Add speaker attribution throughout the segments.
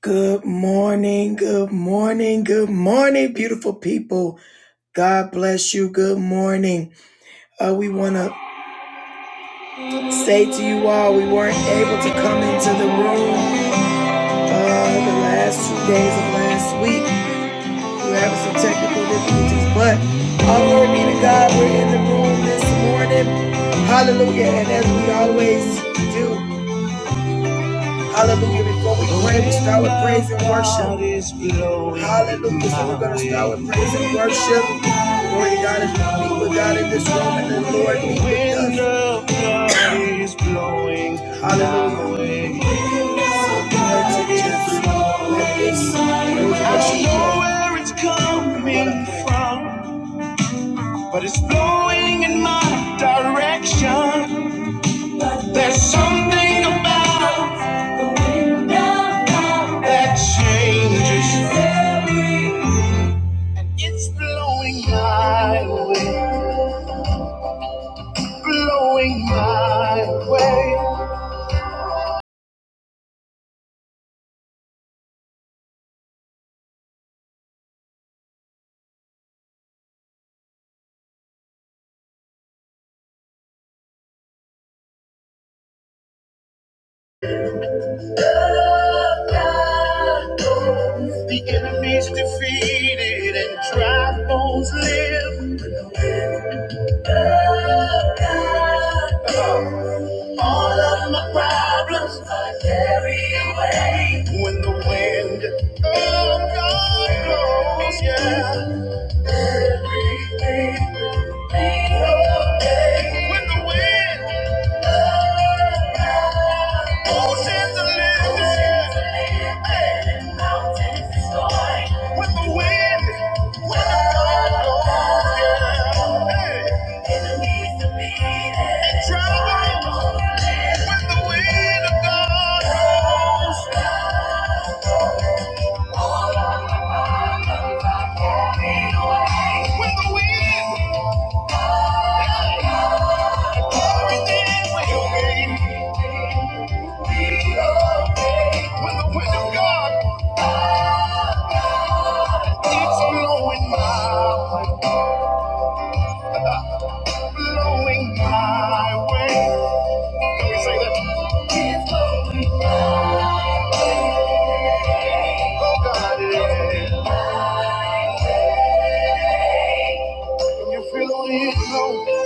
Speaker 1: Good morning, good morning, good morning, beautiful people. God bless you. Good morning. Uh, we want to say to you all, we weren't able to come into the room uh, the last two days of last week. We were having some technical difficulties, but all glory be to God. We're in the room this morning. Hallelujah. And as we always do, Hallelujah. Before we pray, we start with praise and worship. Hallelujah. So we're going to start with praise and worship. Glory to God as we meet with God in this room and the Lord meet with us. Hallelujah. So glory to Jesus. Let this praise and worship I don't know where it's coming from, but it's blowing in my direction. There's something about that changes. It's blowing my way, blowing my way. The enemy's defeated and dry bones live. All of my problems I carry away when the wind of God blows. Yeah, everything will be okay when the wind. Oceans are lifted. Mountains destroyed. With the wind. With the wind blows, yeah. Hey. Enemies defeated. And trouble. when the wind of God blows. With the wind, everything will the wind of God keeps blowing by. Blowing my way. Can we say that? It's blowing my way. Oh God, yeah. Can you feel the wind blowing?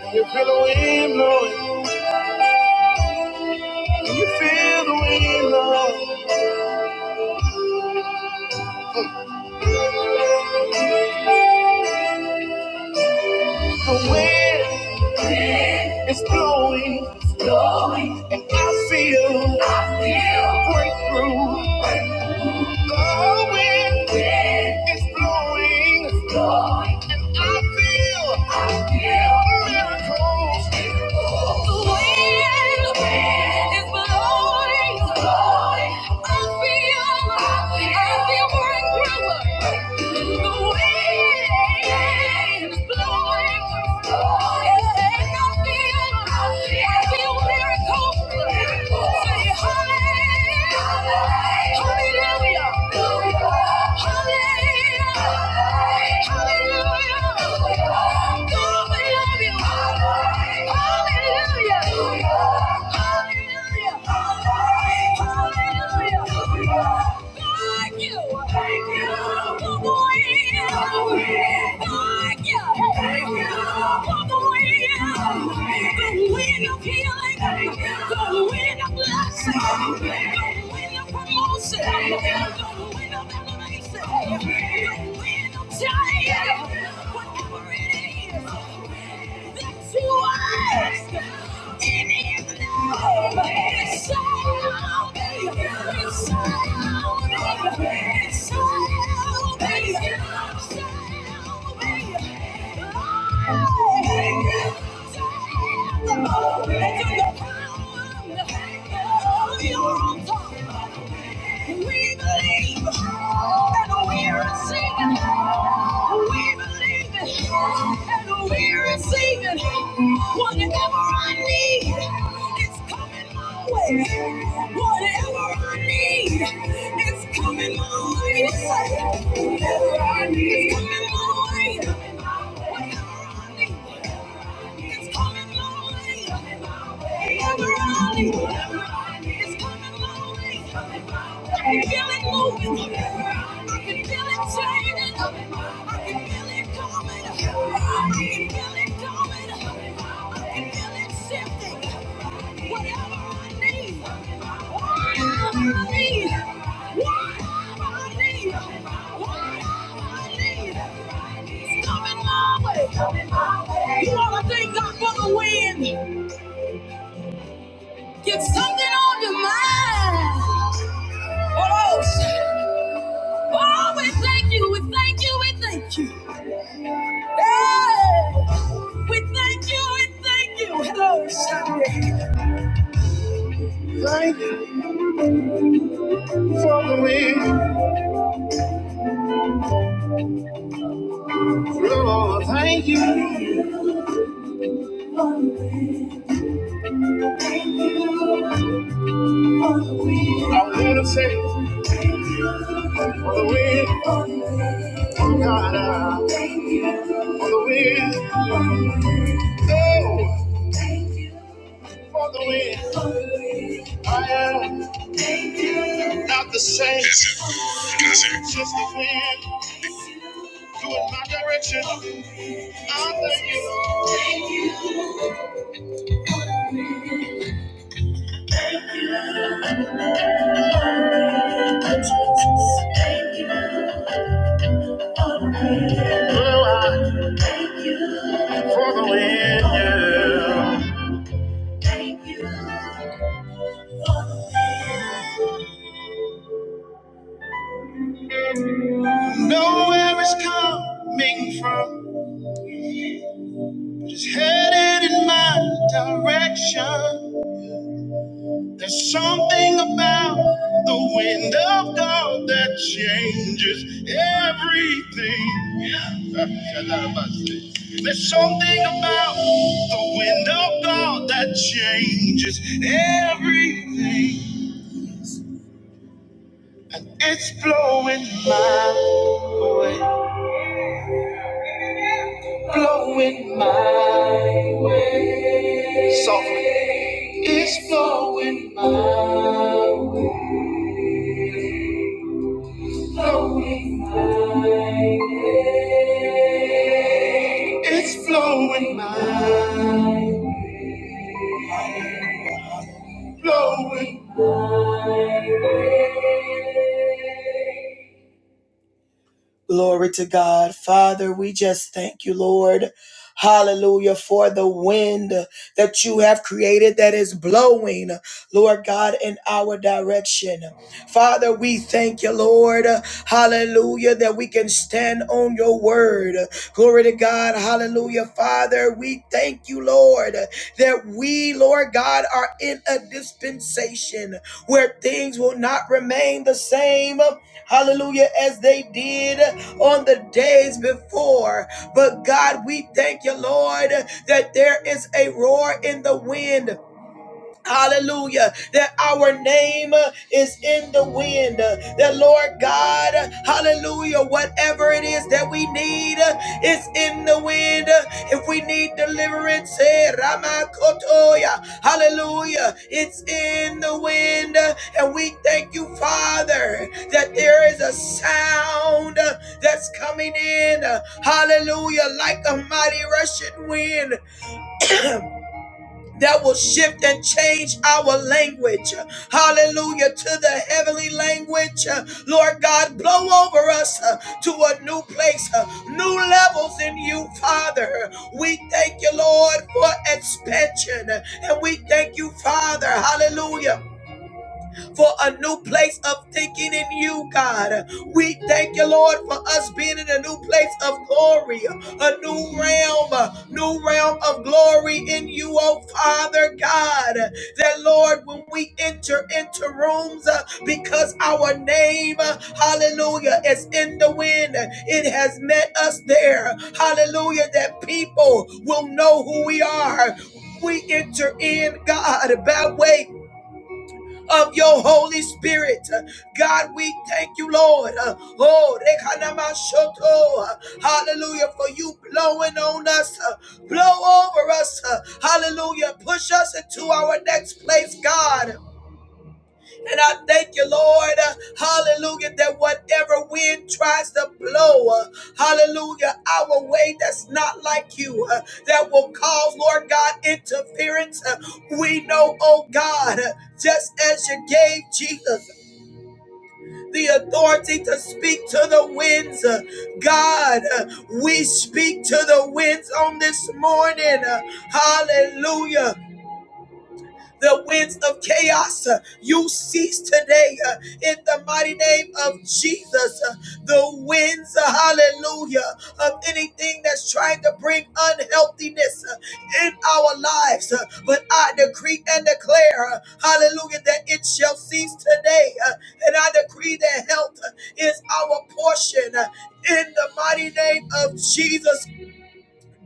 Speaker 1: Can you feel the wind blowing? Can you feel the wind blowing? The wind wind is blowing, it's blowing, and I feel, I feel breakthrough. Breakthrough. The wind, wind is blowing, it's blowing, and I feel, I feel miracles. The wind, wind is blowing, it's blowing. I feel, I feel, I feel breakthrough. Hallelujah! Hallelujah! Hallelujah! Giant, whatever it is. that's to ask in His name. It's salvation. It's salvation. It's salvation. Salvation. Oh, thank You It is We believe that we are singing. We believe it and we receive it. Whatever I need, it's coming my way. Whatever I need, it's coming my way. say, Whatever I need, it's coming my way. Whatever I need, it's coming my way. Whatever I need, it's coming my way. I can feel it moving. I can feel it changing. I can feel it coming. I can feel it coming. I can feel it shifting. Whatever I need, whatever I need, whatever I need, whatever I need, it's coming my way. You ought to thank God for the wind. Get something on your mind. Oh, shit. oh, we thank you, we thank you, we thank you. Hey, we thank you, we thank you. Hello, Sunday. Thank you for the wind, Lord. Thank you. I want to say for the wind, oh God, uh, for the wind, oh, for the wind. I am not the same. Listen, listen. Just the wind doing my direction. Know where it's coming from, but it's headed in my direction. There's something about the wind of God that changes everything. There's something about the wind of God that changes everything. And it's blowing my way, blowing my softly. It's blowing my flowing my way. It's flowing my, flowing. Glory to God. Father, we just thank you, Lord. Hallelujah for the wind that you have created that is blowing, Lord God, in our direction. Father, we thank you, Lord. Hallelujah, that we can stand on your word. Glory to God. Hallelujah. Father, we thank you, Lord, that we, Lord God, are in a dispensation where things will not remain the same. Hallelujah, as they did on the days before. But God, we thank you, Lord, that there is a roar in the wind Hallelujah. That our name uh, is in the wind. Uh, That Lord God, uh, hallelujah, whatever it is that we need uh, is in the wind. Uh, If we need deliverance, eh, Ramakotoya, hallelujah, it's in the wind. Uh, And we thank you, Father, that there is a sound uh, that's coming in. uh, Hallelujah, like a mighty rushing wind that will shift and change our language. Hallelujah to the heavenly language. Uh, Lord God, blow over us uh, to a new place, uh, new levels in you, Father. We thank you, Lord, for expansion. And we thank you, Father. Hallelujah for a new place of thinking in you, God. We thank you, Lord, for us being in a new place of glory, a new realm, a new realm of glory in you, oh Father God. That, Lord, when we enter into rooms, uh, because our name, uh, hallelujah, is in the wind, it has met us there. Hallelujah, that people will know who we are. We enter in, God, by way of your Holy Spirit. God, we thank you, Lord. Oh, hallelujah, for you blowing on us, uh, blow over us. uh, Hallelujah, push us into our next place, God. And I thank you, Lord, uh, hallelujah, that whatever wind tries to blow, uh, hallelujah, our way that's not like you, uh, that will cause, Lord God, interference. uh, we know, oh God, uh, just as you gave Jesus the authority to speak to the winds, uh, God, uh, we speak to the winds on this morning. uh, hallelujah. The winds of chaos, uh, you cease today uh, in the mighty name of Jesus. Uh, The winds, uh, hallelujah, of anything that's trying to bring unhealthiness uh, in our lives. Uh, But I decree and declare, uh, hallelujah, that it shall cease today. Uh, And I decree that health uh, is our portion uh, in the mighty name of Jesus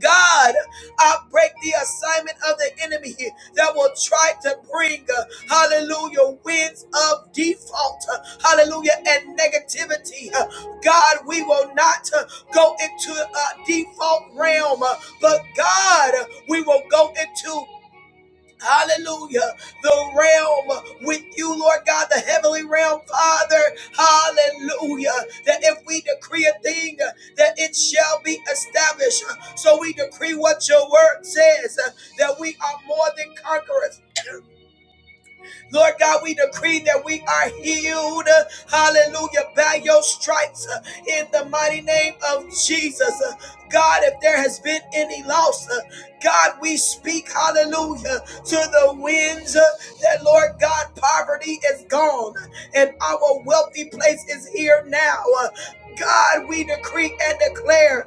Speaker 1: God, I break the assignment of the enemy that will try to bring, uh, hallelujah, winds of default, uh, hallelujah, and negativity. Uh, God, we will not uh, go into a default realm, uh, but God, we will go into Hallelujah. The realm with you, Lord God, the heavenly realm, Father. Hallelujah. That if we decree a thing, that it shall be established. So we decree what your word says, that we are more than conquerors Lord God, we decree that we are healed. Hallelujah. By your stripes uh, in the mighty name of Jesus. Uh, God, if there has been any loss, uh, God, we speak hallelujah to the winds uh, that, Lord God, poverty is gone and our wealthy place is here now. Uh, God, we decree and declare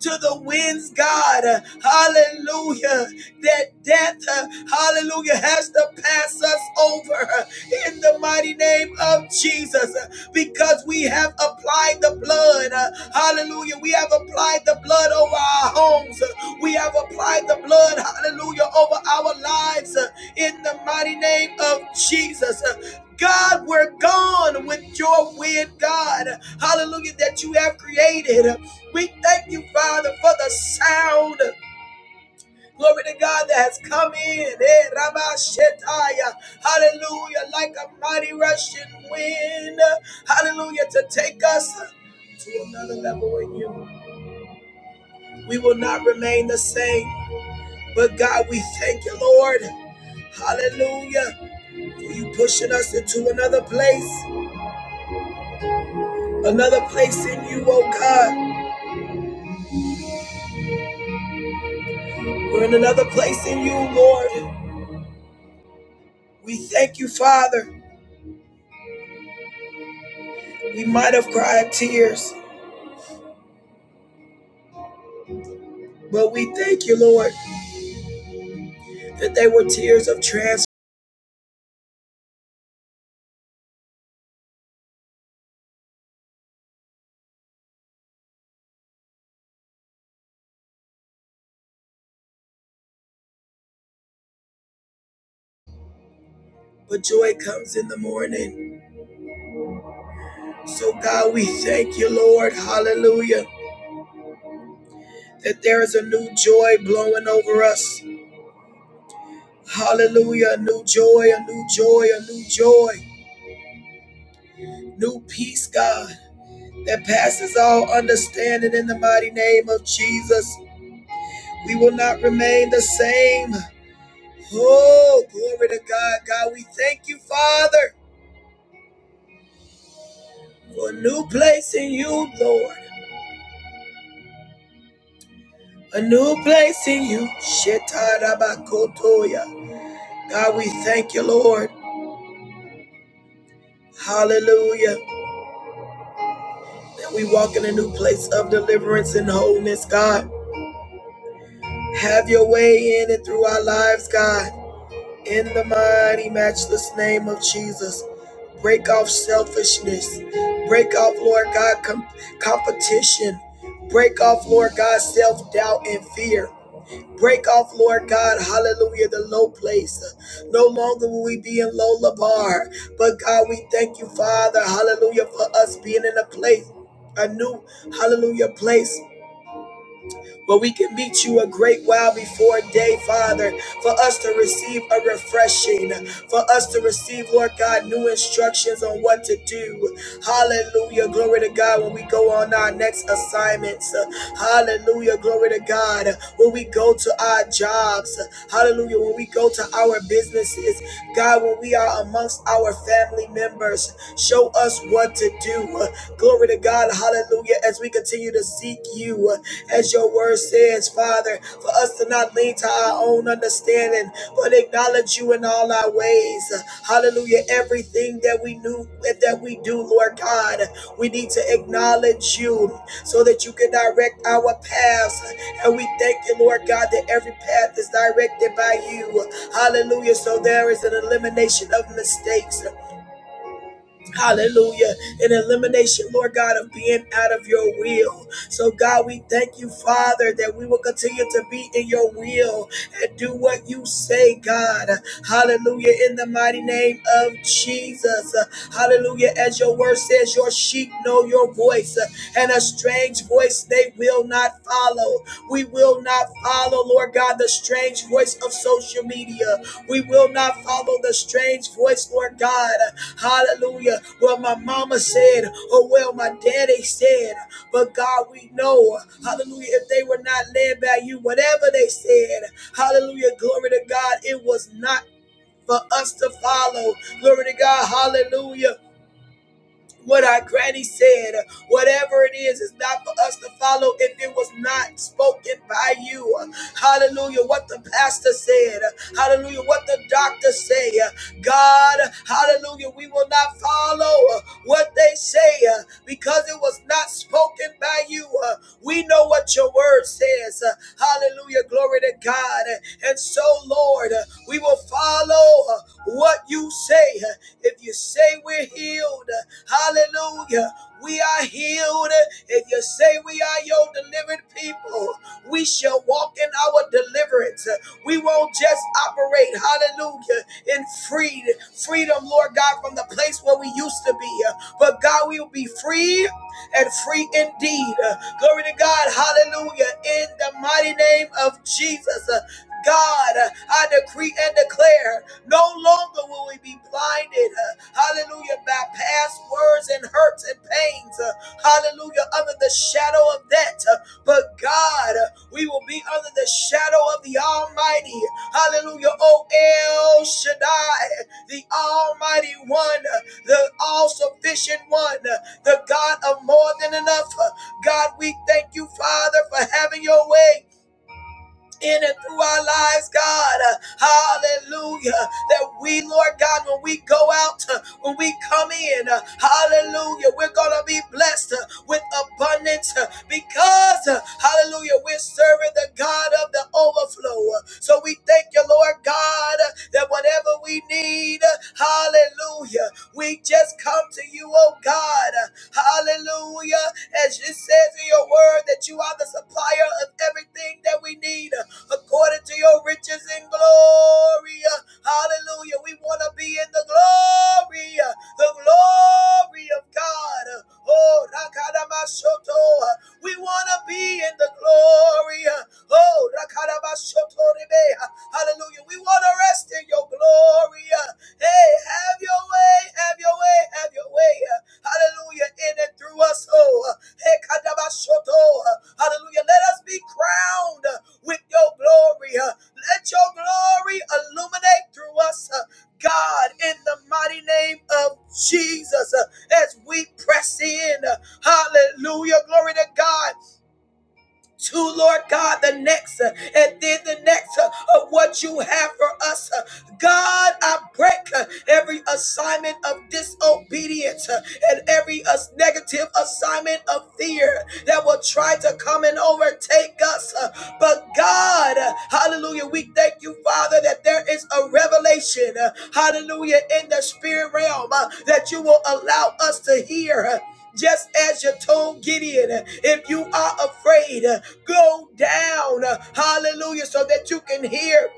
Speaker 1: to the winds, God. Hallelujah. That death, uh, hallelujah, has to pass us over in the mighty name of Jesus because we have applied the blood. Uh, Hallelujah. We have applied the blood over our homes. Uh, We have applied the blood, hallelujah, over our lives uh, in the mighty name of Jesus. Uh, God, we're gone with your wind, God. Hallelujah, that you have created. We thank you, Father, for the sound. Glory to God that has come in. Eh, Rabba Shetaya. Hallelujah. Like a mighty rushing wind. Hallelujah. To take us to another level in you. We will not remain the same. But God, we thank you, Lord. Hallelujah. For you pushing us into another place. Another place in you, oh God. We're in another place in you, Lord. We thank you, Father. We might have cried tears. But we thank you, Lord, that they were tears of transfer, but joy comes in the morning. So, God, we thank you, Lord, hallelujah, that there is a new joy blowing over us. Hallelujah, a new joy, a new joy, a new joy, new peace, God, that passes all understanding in the mighty name of Jesus. We will not remain the same. Oh, glory to God. God, we thank you, Father, for a new place in you, Lord. A new place in you. Shetarabakotoya. God, we thank you, Lord. Hallelujah. That we walk in a new place of deliverance and wholeness, God. Have your way in and through our lives, God. In the mighty, matchless name of Jesus. Break off selfishness. Break off, Lord God, com- competition. Break off, Lord God, self doubt and fear. Break off, Lord God, hallelujah, the low place. No longer will we be in low bar, but God, we thank you, Father, hallelujah, for us being in a place, a new, hallelujah, place but we can meet you a great while before day, Father, for us to receive a refreshing, for us to receive, Lord God, new instructions on what to do. Hallelujah. Glory to God when we go on our next assignments. Hallelujah. Glory to God when we go to our jobs. Hallelujah. When we go to our businesses. God, when we are amongst our family members, show us what to do. Glory to God. Hallelujah. As we continue to seek you as your word says, Father, for us to not lean to our own understanding, but acknowledge you in all our ways. Hallelujah. Everything that we knew that we do, Lord God, we need to acknowledge you so that you can direct our paths. And we thank you, Lord God, that every path is directed by you. Hallelujah. So there is an elimination of mistakes. Hallelujah. An elimination, Lord God, of being out of your will. So, God, we thank you, Father, that we will continue to be in your will and do what you say, God. Hallelujah. In the mighty name of Jesus. Hallelujah. As your word says, your sheep know your voice, uh, and a strange voice they will not follow. We will not follow, Lord God, the strange voice of social media. We will not follow the strange voice, Lord God. Hallelujah. Well, my mama said, or well, my daddy said, but God, we know, hallelujah, if they were not led by you, whatever they said, hallelujah, glory to God, it was not for us to follow. Glory to God, hallelujah what our granny said, whatever it is, is not for us to follow if it was not spoken by you. Hallelujah. What the pastor said, hallelujah. What the doctor said. God, hallelujah. We will not follow what they say because it was not spoken walking by you. Uh, we know what your word says. Uh, hallelujah. Glory to God. Uh, And so, Lord, uh, we will follow uh, what you say. Uh, If you say we're healed, uh, hallelujah. We are healed. uh, If you say we are your delivered people, we shall walk in our deliverance. uh, We won't just operate, hallelujah, in freed freedom, Lord God, from the place where we used to be. uh, But God, we will be free and free indeed. Uh, Glory to God. Hallelujah. In the mighty name of Jesus. Uh, God, uh, I decree and declare no longer will we be blinded, uh, hallelujah, by past words and hurts and pains, uh, hallelujah, under the shadow of that. Uh, But God, uh, we will be under the shadow of the Almighty, hallelujah, O El Shaddai, the Almighty One, uh, the All Sufficient One. uh, the God of more than enough. God, we thank you, Father, for having your way in and through our lives, God. Hallelujah. That we, Lord God, when we go out, uh, when we come in, uh, hallelujah, we're going to be blessed uh, with abundance uh, because, uh, hallelujah, we're serving the God of the overflow. So we thank you, Lord God, uh, that whatever we need, uh, hallelujah, we just come to you, oh God. Hallelujah. As it says in your word that you are the supplier of everything that we need according to your riches and glory. Hallelujah. We want to be in the glory, the glory of God. Oh, Rakadamashoto. We want to be in the glory. Oh, Rakadamashoto Rebe. Hallelujah. We want to rest in your glory. Hey, have your way, have your way, have your way. Hallelujah. In and through us, oh. Hekadabashoto. Hallelujah. Let us be crowned with your glory. Let your glory illuminate through us, God, in the mighty name of Jesus, as we press in. Hallelujah. Glory to God to Lord God the next uh, and then the next uh, of what you have for us. uh. God, I break uh, every assignment of disobedience uh, and every uh, negative assignment of fear that will try to come and overtake us. uh, But God, uh, hallelujah, we thank you, Father, that there is a revelation, uh, hallelujah, in the spirit realm uh, that you will allow us to hear. Uh, just as you told Gideon, if you are afraid, go down. Hallelujah. So that you can hear.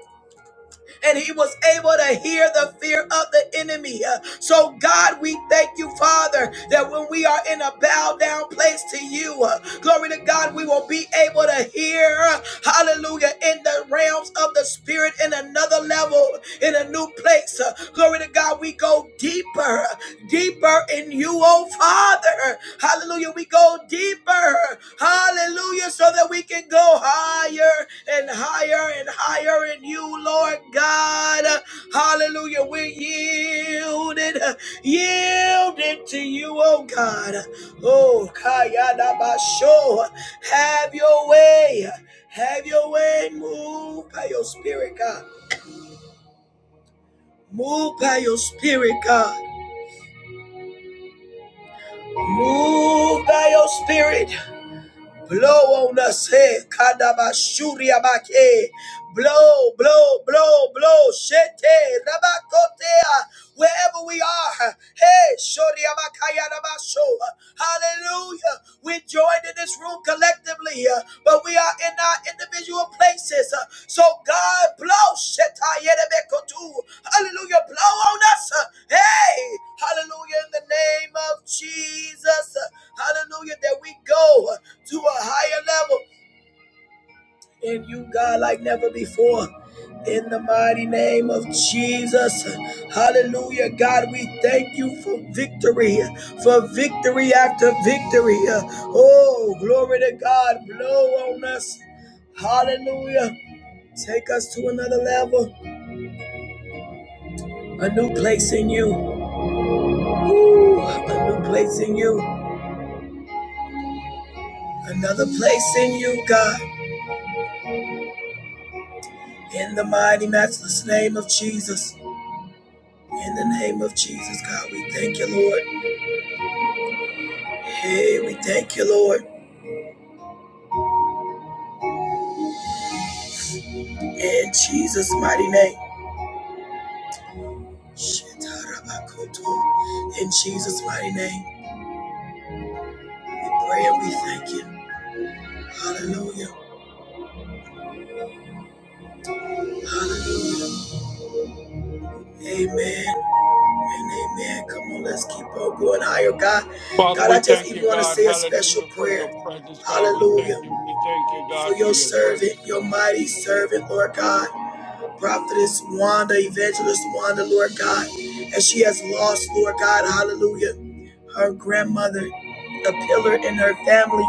Speaker 1: And he was able to hear the fear of the enemy. So, God, we thank you, Father, that when we are in a bow down place to you, uh, glory to God, we will be able to hear. uh, Hallelujah. In the realms of the spirit in another level settled in a new place. Uh, Glory to God, we go deeper, deeper in you, oh Father. Hallelujah, we go deeper. Hallelujah, so that we can go higher and higher and higher in you, Lord God. Hallelujah, we're yielded, yielded to you, oh God. Oh, Kayadabasho, have your way. Have your way, move by your spirit, God. Move by your spirit, God. Move by your spirit. Blow on us, hey, kadabashuria bake. Blow, blow, blow, blow, shete, rabakotea, wherever we are. Hey, shoria bakaya rabasho. Hallelujah. We joined in this room collectively, uh, but we are in our individual places. uh, So God, blow, sheta yerebekotu. Hallelujah. Blow on us. uh, Hey, hallelujah. In the name of Jesus. uh, Hallelujah. There we go to a higher level in you, God, like never before. In the mighty name of Jesus. Hallelujah. God, we thank you for victory, for victory after victory. Oh, glory to God. Blow on us. Hallelujah. Take us to another level, a new place in you. Ooh, a new place in you, another place in you, God. In the mighty, matchless name of Jesus. In the name of Jesus, God, we thank you, Lord. Hey, we thank you, Lord. In Jesus' mighty name. In Jesus' mighty name, we pray and we thank you. Hallelujah. Amen and amen. Come on, let's keep on going higher, God.
Speaker 2: Father,
Speaker 1: God, I
Speaker 2: we
Speaker 1: just
Speaker 2: thank
Speaker 1: even
Speaker 2: you,
Speaker 1: want to
Speaker 2: God.
Speaker 1: say a special
Speaker 2: Hallelujah for your
Speaker 1: prayer.
Speaker 2: presence, God. We
Speaker 1: Hallelujah.
Speaker 2: thank you. We thank you,
Speaker 1: For
Speaker 2: God, for
Speaker 1: your
Speaker 2: your presence,
Speaker 1: servant, your
Speaker 2: God.
Speaker 1: mighty servant, Lord God. Prophetess Wanda, Evangelist Wanda, Lord God, as she has lost, Lord God, hallelujah, her grandmother, a pillar in her family.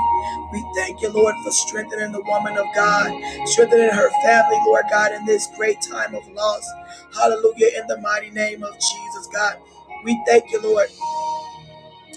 Speaker 1: We thank you, Lord, for strengthening the woman of God, strengthening her family, Lord God, in this great time of loss. Hallelujah, in the mighty name of Jesus, God. We thank you, Lord.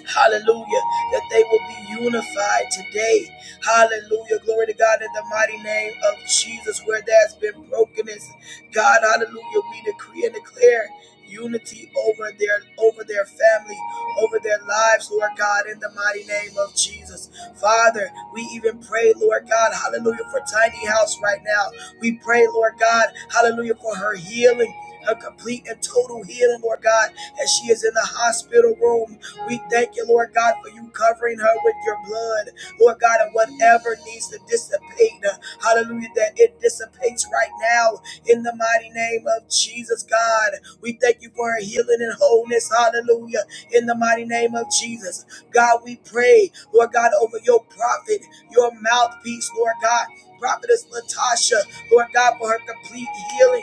Speaker 1: Hallelujah. That they will be unified today. Hallelujah. Glory to God in the mighty name of Jesus. Where there's been brokenness, God, hallelujah, we decree and declare unity over their over their family over their lives lord god in the mighty name of jesus father we even pray lord god hallelujah for tiny house right now we pray lord god hallelujah for her healing her complete and total healing lord god as she is in the hospital room we thank you, Lord God, for you covering her with your blood. Lord God, and whatever needs to dissipate, uh, hallelujah, that it dissipates right now in the mighty name of Jesus, God. We thank you for her healing and wholeness, hallelujah, in the mighty name of Jesus. God, we pray, Lord God, over your prophet, your mouthpiece, Lord God. Prophetess Latasha, Lord God, for her complete healing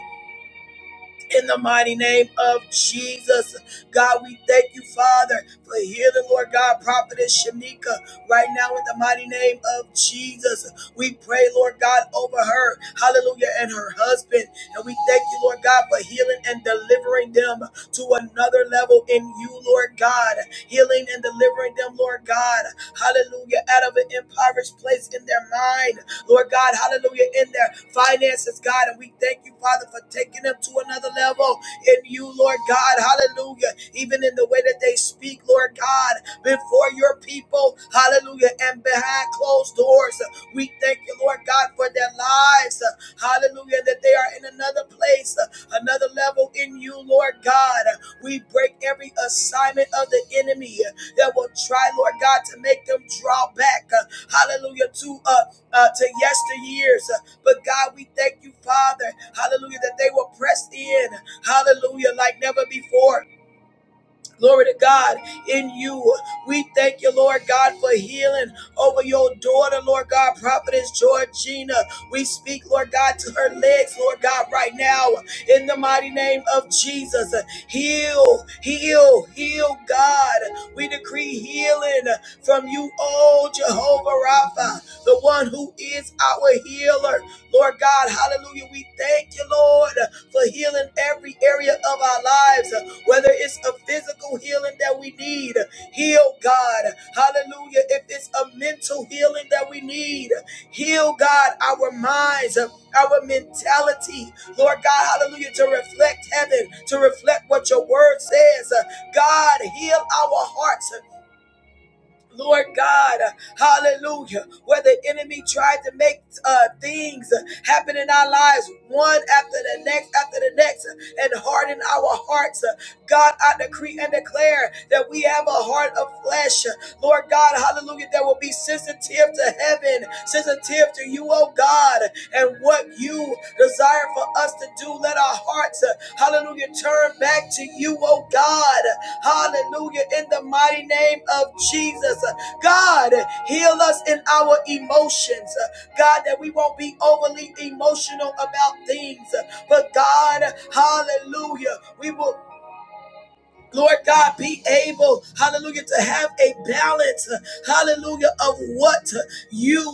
Speaker 1: in the mighty name of Jesus. God, we thank you, Father, for healing, Lord God, Prophetess Shanika, right now in the mighty name of Jesus. We pray, Lord God, over her, hallelujah, and her husband. And we thank you, Lord God, for healing and delivering them to another level in you, Lord God. Healing and delivering them, Lord God, hallelujah, out of an impoverished place in their mind. Lord God, hallelujah, in their finances, God. And we thank you, Father, for taking them to another level in you, Lord God, hallelujah. Even in the way that they speak, Lord God, before your people, hallelujah, and behind closed doors. We thank you, Lord God, for their lives, hallelujah, that they are in another place, another level in you, Lord God. We break every assignment of the enemy that will try, Lord God, to make them draw back, hallelujah, to us uh, to yesteryears. Uh, But God, we thank you, Father, hallelujah, that they were pressed in, hallelujah, like never before. Glory to God in you. We thank you, Lord God, for healing over your daughter, Lord God, Prophetess Georgina. We speak, Lord God, to her legs, Lord God, right now in the mighty name of Jesus. Heal, heal, heal, God. We decree healing from you, oh Jehovah Rapha, the one who is our healer. Lord God, hallelujah. We thank you, Lord, for healing every area of our lives whether it's a physical healing that we need, heal God. Hallelujah. If it's a mental healing that we need, heal God our minds, our mentality. Lord God, hallelujah, to reflect heaven, to reflect what your word says. God, heal our hearts Lord God, hallelujah, where the enemy tried to make uh, things happen in our lives, one after the next, after the next, and harden our hearts. God, I decree and declare that we have a heart of flesh. Lord God, hallelujah, that will be sensitive to heaven, sensitive to you, oh God, and what you desire for us to do. Let our hearts, hallelujah, turn back to you, oh God. Hallelujah. In the mighty name of Jesus. God, heal us in our emotions. God, that we won't be overly emotional about things. But God, hallelujah, we will. Lord God, be able, hallelujah, to have a balance, hallelujah, of what you,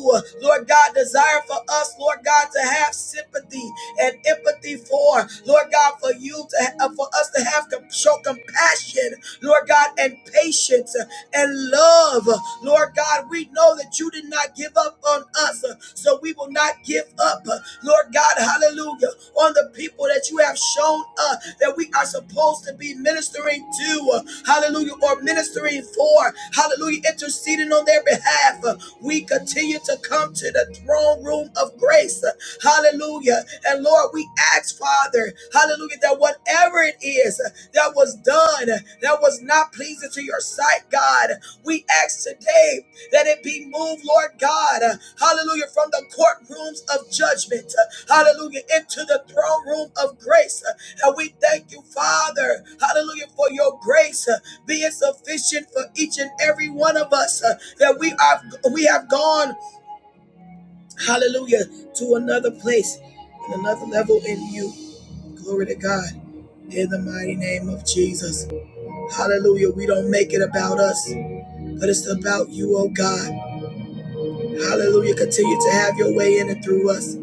Speaker 1: Lord God, desire for us, Lord God, to have sympathy, and empathy for. Lord God, for you to uh, for us to have to show compassion, Lord God, and patience uh, and love. Lord God, we know that you did not give up on us, uh, so we will not give up. uh, Lord God, hallelujah, on the people that you have shown us uh, that we are supposed to be ministering to, uh, hallelujah, or ministering for, hallelujah, interceding on their behalf. Uh, We continue to come to the throne room of of grace. Hallelujah. And Lord, we ask, Father, hallelujah, that whatever it is that was done that was not pleasing to your sight, God, we ask today that it be moved, Lord God, hallelujah, from the courtrooms of judgment, hallelujah, into the throne room of grace. And we thank you, Father, hallelujah, for your grace being sufficient for each and every one of us that we are we have gone hallelujah, to another place and another level in you. Glory to God. In the mighty name of Jesus. Hallelujah. We don't make it about us, but it's about you, oh God. Hallelujah. Continue to have your way in and through us.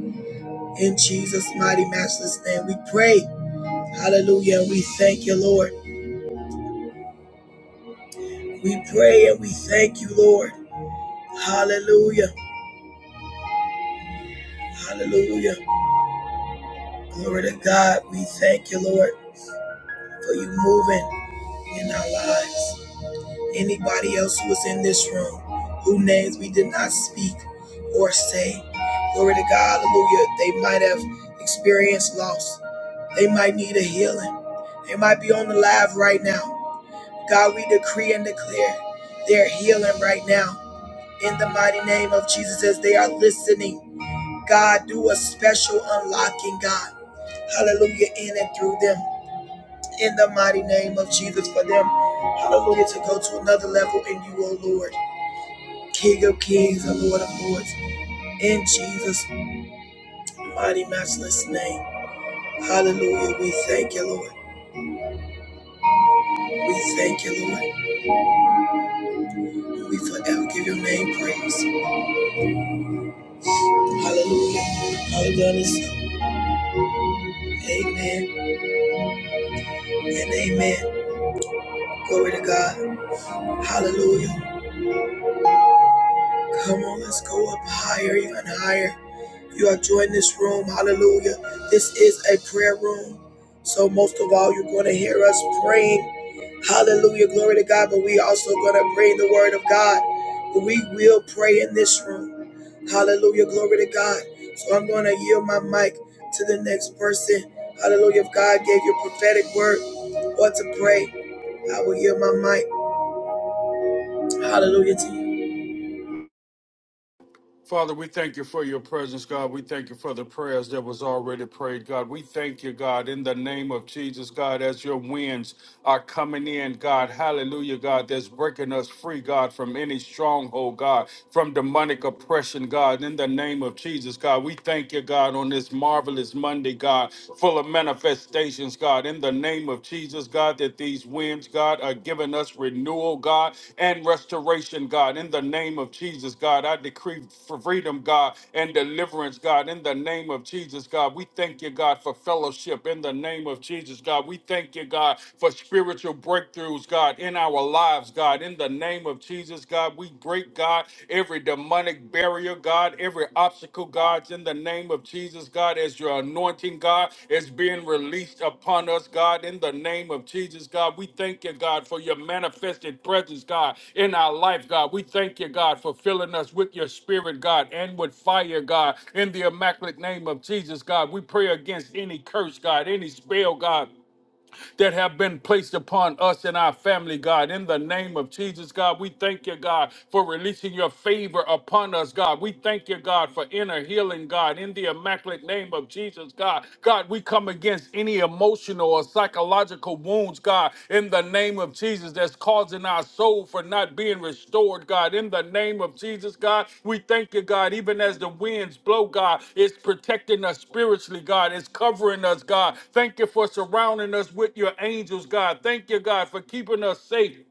Speaker 1: In Jesus' mighty, matchless name, we pray. Hallelujah. And we thank you, Lord. We pray and we thank you, Lord. Hallelujah. Hallelujah. Glory to God. We thank you, Lord, for you moving in our lives. Anybody else who is in this room, whose names we did not speak or say, glory to God, hallelujah, they might have experienced loss. They might need a healing. They might be on the live right now. God, we decree and declare their healing right now. In the mighty name of Jesus, as they are listening, God, do a special unlocking, God. Hallelujah, in and through them. In the mighty name of Jesus, for them, hallelujah, to go to another level in you, O Lord. King of kings and Lord of lords, in Jesus' mighty, matchless name. Hallelujah. We thank you, Lord. We thank you, Lord. We forever give your name praise. Hallelujah. Hallelujah! Amen and amen. Glory to God. Hallelujah. Come on, let's go up higher, even higher. you are joining this room. Hallelujah. This is a prayer room. So most of all, you're going to hear us praying. Hallelujah. Glory to God. But we also going to pray the word of God. But we will pray in this room. Hallelujah. Glory to God. So I'm going to yield my mic to the next person. Hallelujah. If God gave you a prophetic word or to pray, I will yield my mic. Hallelujah to you.
Speaker 2: Father, we thank you for your presence, God. We thank you for the prayers that was already prayed, God. We thank you, God, in the name of Jesus, God, as your winds are coming in, God. Hallelujah, God, that's breaking us free, God, from any stronghold, God, from demonic oppression, God, in the name of Jesus, God. We thank you, God, on this marvelous Monday, God, full of manifestations, God, in the name of of Jesus, God, that these winds, God, are giving us renewal, God, and restoration, God. In the name of Jesus, God, I decree for freedom, God, and deliverance, God. In the name of Jesus, God, we thank you, God, for fellowship. In the name of Jesus, God, we thank you, God, for spiritual breakthroughs, God, in our lives, God. In the name of Jesus, God, we break, God, every demonic demonic barrier, God, every obstacle, God, in the name of Jesus, God, as your anointing, God, is being released upon us, God, in the name of Jesus, God. We thank you, God, for your manifested presence, God, in our life, God. We thank you, God, for filling us with your spirit, God, and with fire, God, in the immaculate name of Jesus, God. We pray against any curse, God, any spell, God that have been placed upon us and our family, God. In the name of Jesus, God, we thank you, God, for releasing your favor upon us, God. We thank you, God, for inner healing, God, in the immaculate name of Jesus, God. God, we come against any emotional or psychological wounds, God, in the the name of Jesus that's causing our soul for not being restored, God. In the name of Jesus, God, we thank you, God. Even as the winds blow, God, it's protecting us spiritually, God. It's covering us, God. Thank you for surrounding us with your angels, God. Thank you, God, for keeping us safe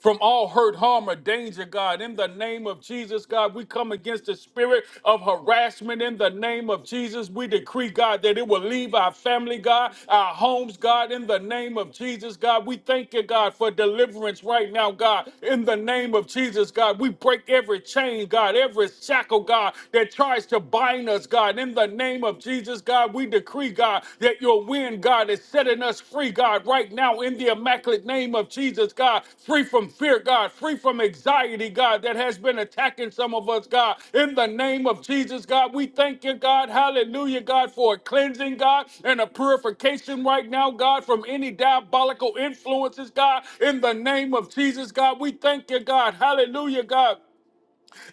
Speaker 2: from all hurt, harm, or danger, God. In the name of Jesus, God, we come against the spirit of harassment. In the name of Jesus, we decree, God, that it will leave our family, God, our homes, God. In the name of Jesus, God, we thank you, God, for deliverance right now, God. In the name of Jesus, God, we break every chain, God, every shackle, God, that tries to bind us, God. In the name of Jesus, God, we decree decree, God, that your wind, God, is setting us free, God, right now in the immaculate name of Jesus, God, free from fear, God, free from anxiety, God, that has been attacking some of us, God, in the name of Jesus, God. We thank you, God, hallelujah, God, for a cleansing, God, and a purification right now, God, from any diabolical influences, God, in the name of Jesus, God. We thank you, God, hallelujah, God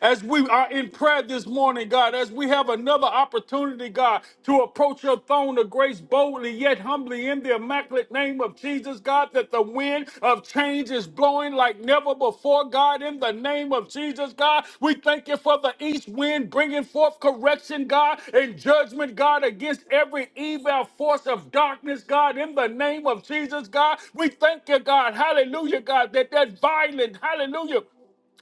Speaker 2: as we are in prayer this morning, God, as we have another opportunity, God, to approach your throne of grace boldly yet humbly in the immaculate name of Jesus, God, that the wind of change is blowing like never before, God, in the name of Jesus, God. We thank you for the east wind bringing forth correction, God, and judgment, God, against every evil force of darkness, God, in the name of Jesus, God. We thank you, God, hallelujah, God, that that violent, hallelujah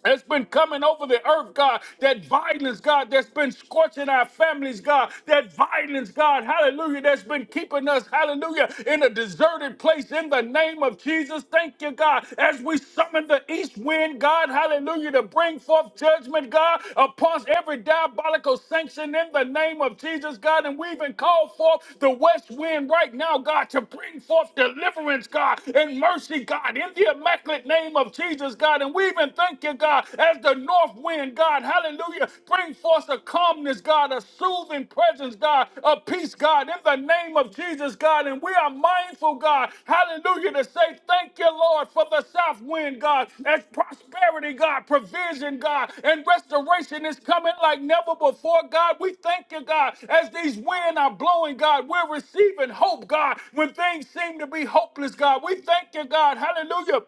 Speaker 2: that's been coming over the earth, God, that violence, God, that's been scorching our families, God, that violence, God, hallelujah, that's been keeping us, hallelujah, in a deserted place in the name of Jesus. Thank you, God, as we summon the east wind, God, hallelujah, to bring forth judgment, God, upon every diabolical sanction in the name of Jesus, God, and we even call forth the west wind right now, God, to bring forth deliverance, God, and mercy, God, in the immaculate name of Jesus righteous, God. And we even thank you, God, as the north wind, God, hallelujah, bring forth a calmness, God, a soothing presence, God, a peace, God, in the name of Jesus, God. And we are mindful, God, hallelujah, to say thank you, Lord, for the south wind, God, as prosperity, God, provision, God, and restoration is coming like never before, God. We thank you, God, as these winds are blowing, God, we're receiving hope, God, when things seem to be hopeless, God. We thank you, God, hallelujah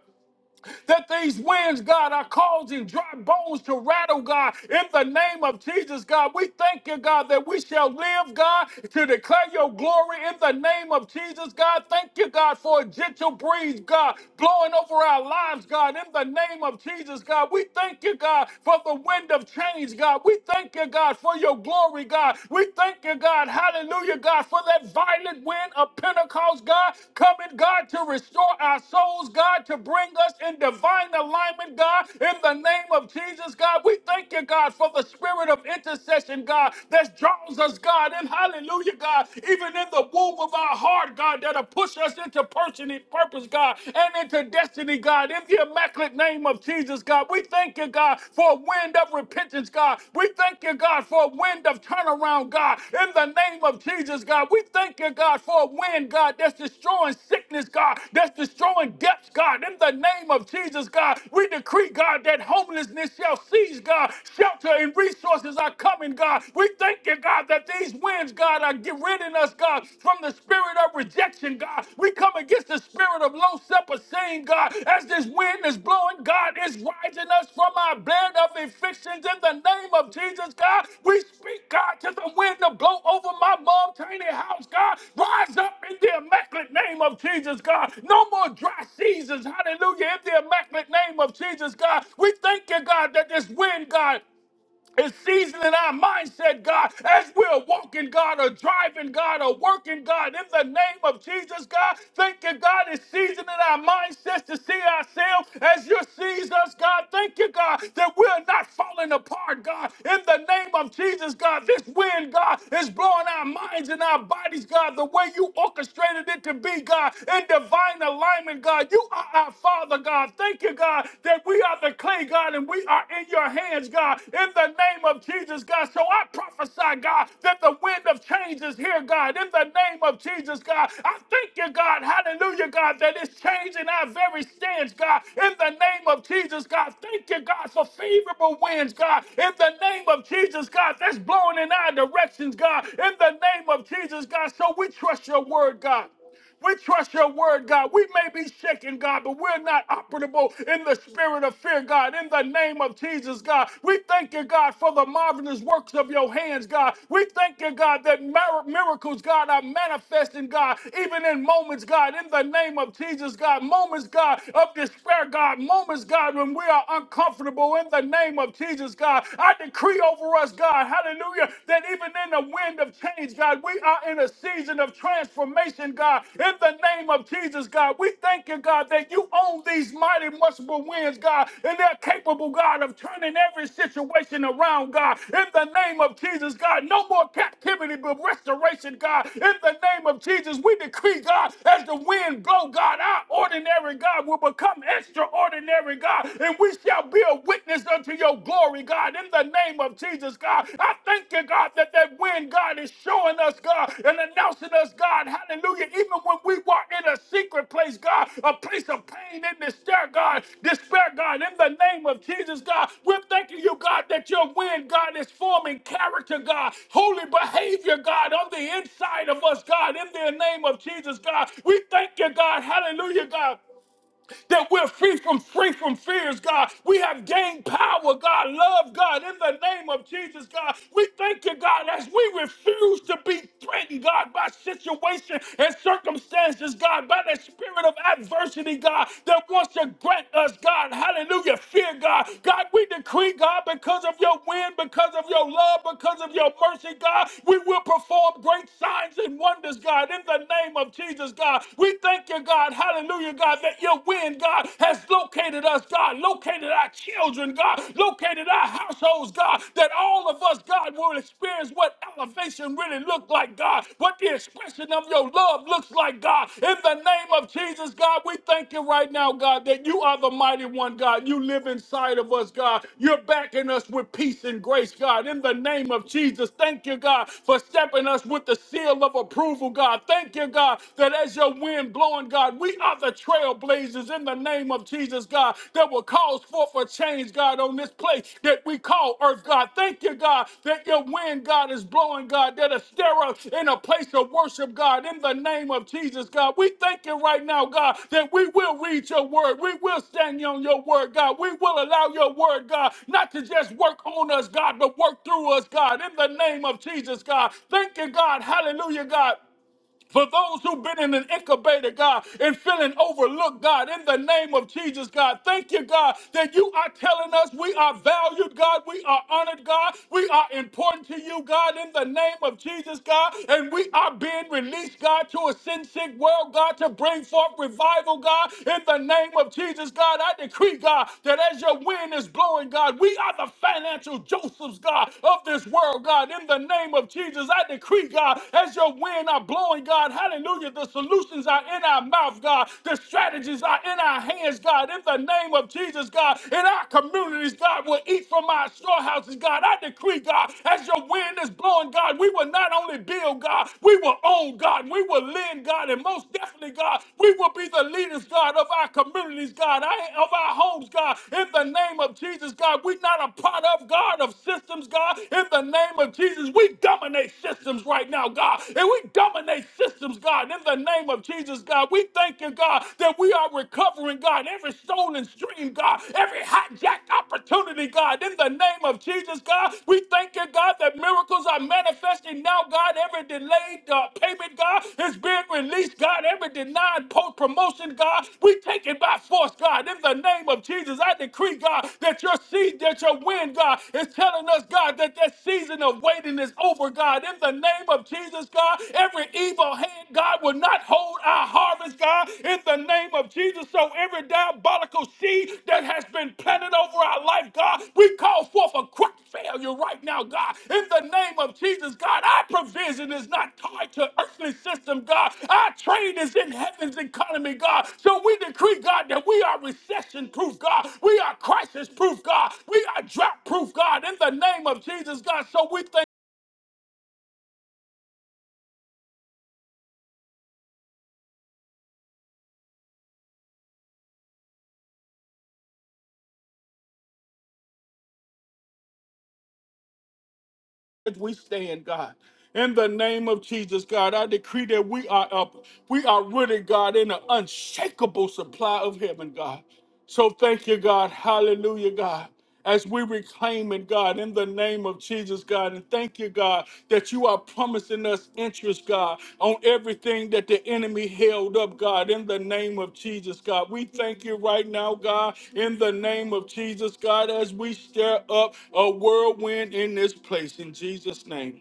Speaker 2: that these winds, God, are causing dry bones to rattle, God. In the name of Jesus, God, we thank you, God, that we shall live, God, to declare your glory in the name of Jesus, God. Thank you, God, for a gentle breeze, God, blowing over our lives, God, in the name of Jesus, God. We thank you, God, for the wind of change, God. We thank you, God, for your glory, God. We thank you, God, hallelujah you, God, for that violent wind of Pentecost, God, coming, God, to restore our souls, God, to bring us in divine alignment, God, in the name of Jesus, God. We thank you, God, for the spirit of intercession, God, that draws us, God, and hallelujah, God, even in the womb of our heart, God, that'll push us into person- purpose, God, and into destiny, God, in the immaculate name of Jesus, God. We thank thank you, God, for a wind of repentance, God. We thank you, God, for a wind of turnaround, God. In the name of Jesus, God, we thank you, God, for a wind, God, that's destroying sickness, God, that's destroying depths, God. In the name of Jesus, God, we decree, God, that homelessness shall cease, God. Shelter and resources are coming, God. We thank you, God, that these winds, God, are getting rid in us, God, from the spirit of of rejection, God. We come against the spirit of low self esteem, God. As this wind is blowing, God is rising us from our bed of evictions in the name of Jesus, God. We speak, God, to the wind to blow over my mom, tiny house, God. Rise up in the immaculate name of Jesus, God. No more dry seasons, hallelujah, in the immaculate name of Jesus, God. We thank you, God, that this wind, God and seasoning our mindset, God, as we're walking, God, or driving, God, or working, God, in the name of Jesus, God. Thank you, God, is seasoning our mindsets to see ourselves as you sees us, God. Thank you, God, that we're not falling apart, God. In the name of Jesus, God, this wind, God, is blowing our minds and our bodies, God, the way you orchestrated it to be, God, in divine alignment, God. You are our Father, God. Thank you thank you, God, that we are the clay, God, and we are in your hands, God, in the name of Jesus, God. So I prophesy, God, that the wind of change is here, God, in the name of Jesus, God. I thank you, God, hallelujah, God, that it's changing our very stance, God, in the name of Jesus, God. Thank you, God, for favorable winds, God, in the name of Jesus, God, that's blowing in our directions, God, in the name of Jesus, God. So we trust your word, God. We trust your word, God. We may be shaken, God, but we're not operable in the spirit of fear, God. In the name of Jesus, God, we thank you, God, for the marvelous works of your hands, God. We thank you, God, that mir- miracles, God, are manifesting, God, even in moments, God. In the name of Jesus, God, moments, God, of despair, God, moments, God, when we are uncomfortable. In the name of Jesus, God, I decree over us, God, hallelujah, that even living in the wind of change, God. We are in a season of transformation, God. In the name of Jesus, God, we thank you, God, that you own these mighty, multiple winds, God, and they're capable, God, of turning every situation around, God. In the name of Jesus, God, no more captivity, but restoration, God. In the name of Jesus, we decree, God, as the wind blow, God, our ordinary God will become extraordinary, God, and we shall be a witness praised unto your glory, God, in the name of Jesus, God. I thank you, God, that that wind, God, is showing us, God, and announcing us, God, hallelujah, even when we walk in a secret place, God, a place of pain and despair, God, despair, God, in the name of Jesus, God, we're thanking you, God, that your wind, God, is forming character, God, holy behavior, God, on the inside of us, God, in the name of Jesus, God. We thank you, God, hallelujah, God that we're free from free from fears, God. We have gained power, God, love, God, in the name of Jesus, God. We thank you, God, as we refuse to be threatened, God, by situation and circumstances, God, by the spirit of adversity, God, that wants to grant us, God, hallelujah, fear, God. God, we decree, God, because of your wind, because of your love, because of your mercy, God, we will perform great signs and wonders, God, in the name of Jesus, God. We thank you, God. Hallelujah, God, that your wind, God, has located us, God, located our children, God, located our households, God, that all of us, God, will experience what elevation really looked like, God, what the expression of your love looks like, God. In the name of Jesus, God, we thank you right now, God, that you are the mighty one, God. You live inside of us, God. You're backing us with peace and grace, God. In the name of Jesus, thank you, God, for stepping us with the seal of approval, God. Thank you, God, that that as your wind blowing, God, we are the trailblazers in the name of Jesus, God, that will cause forth a change, God, on this place that we call earth, God. Thank you, God, that your wind, God, is blowing, God, that'll stir us in a place of worship, God, in the name of Jesus, God. We thank you right now, God, that we will read your word. We will stand on your word, God. We will allow your word, God, not to just work on us, God, but work through us, God, in the name of Jesus, God. Thank you, God. Hallelujah, God for those who've been in an incubator, God, and feeling overlooked, God, in the name of Jesus, God, thank you, God, that you are telling us we are valued, God, we are honored, God, we are important to you, God, in the name of Jesus, God, and we are being released, God, to a sin sick world, God, to bring forth revival, God, in the name of Jesus, God. I decree, God, that as your wind is blowing, God, we are the financial Josephs, God, of this world, God, in the name of Jesus. I decree, God, as your wind wind are blowing, God. Hallelujah. The solutions are in our mouth, God. The strategies are in our hands, God. In the name of Jesus, God, in our communities, God, will eat from our storehouses, God. I decree, God, as your wind is blowing, God, we will not only build, God, we will own, God. We will lend, God, and most definitely, God, we will be the leaders, God, of our communities, God, I- of our homes, God. In the name of Jesus, God, we're not a part of God of systems, God. In the name of Jesus, we dominate systems right right now, God, and we dominate systems, God, in the name of Jesus, God. We thank you, God, that we are recovering, God, every stolen stream, God, every hijacked opportunity, God, in the name of Jesus, God. We thank you, God, that miracles are manifesting now, God. Every delayed uh, payment, God, is being released, God. Every denied post promotion, God, we take it by force, God, in the name of Jesus. I decree, God, that your seed, that your wind, God, is telling us, God, that that season of waiting is over, God. God, in the name of Jesus, God, every evil hand, God, will not hold our harvest, God, in the name of Jesus. So every diabolical seed that has been planted over our life, God, we call forth a quick failure right now, God, in the name of Jesus, God. Our provision is not tied to earthly system, God. Our trade is in heaven's economy, God. So we decree, God, that we are recession proof, God. We are crisis proof, God. We are drought proof, God, in the name of Jesus, God. So we thank as we stand, God. In the name of Jesus, God, I decree that we are up. We are rooted, God, in an unshakable supply of heaven, God. So thank you, God. Hallelujah, God. As we reclaim it, God, in the name of Jesus, God. And thank you, God you, God, that you are promising us interest, God, on everything that the enemy held up, God, in the name of Jesus, God. We thank you right now, God, in the name of Jesus, God, as we stir up a whirlwind in this place, in Jesus' name.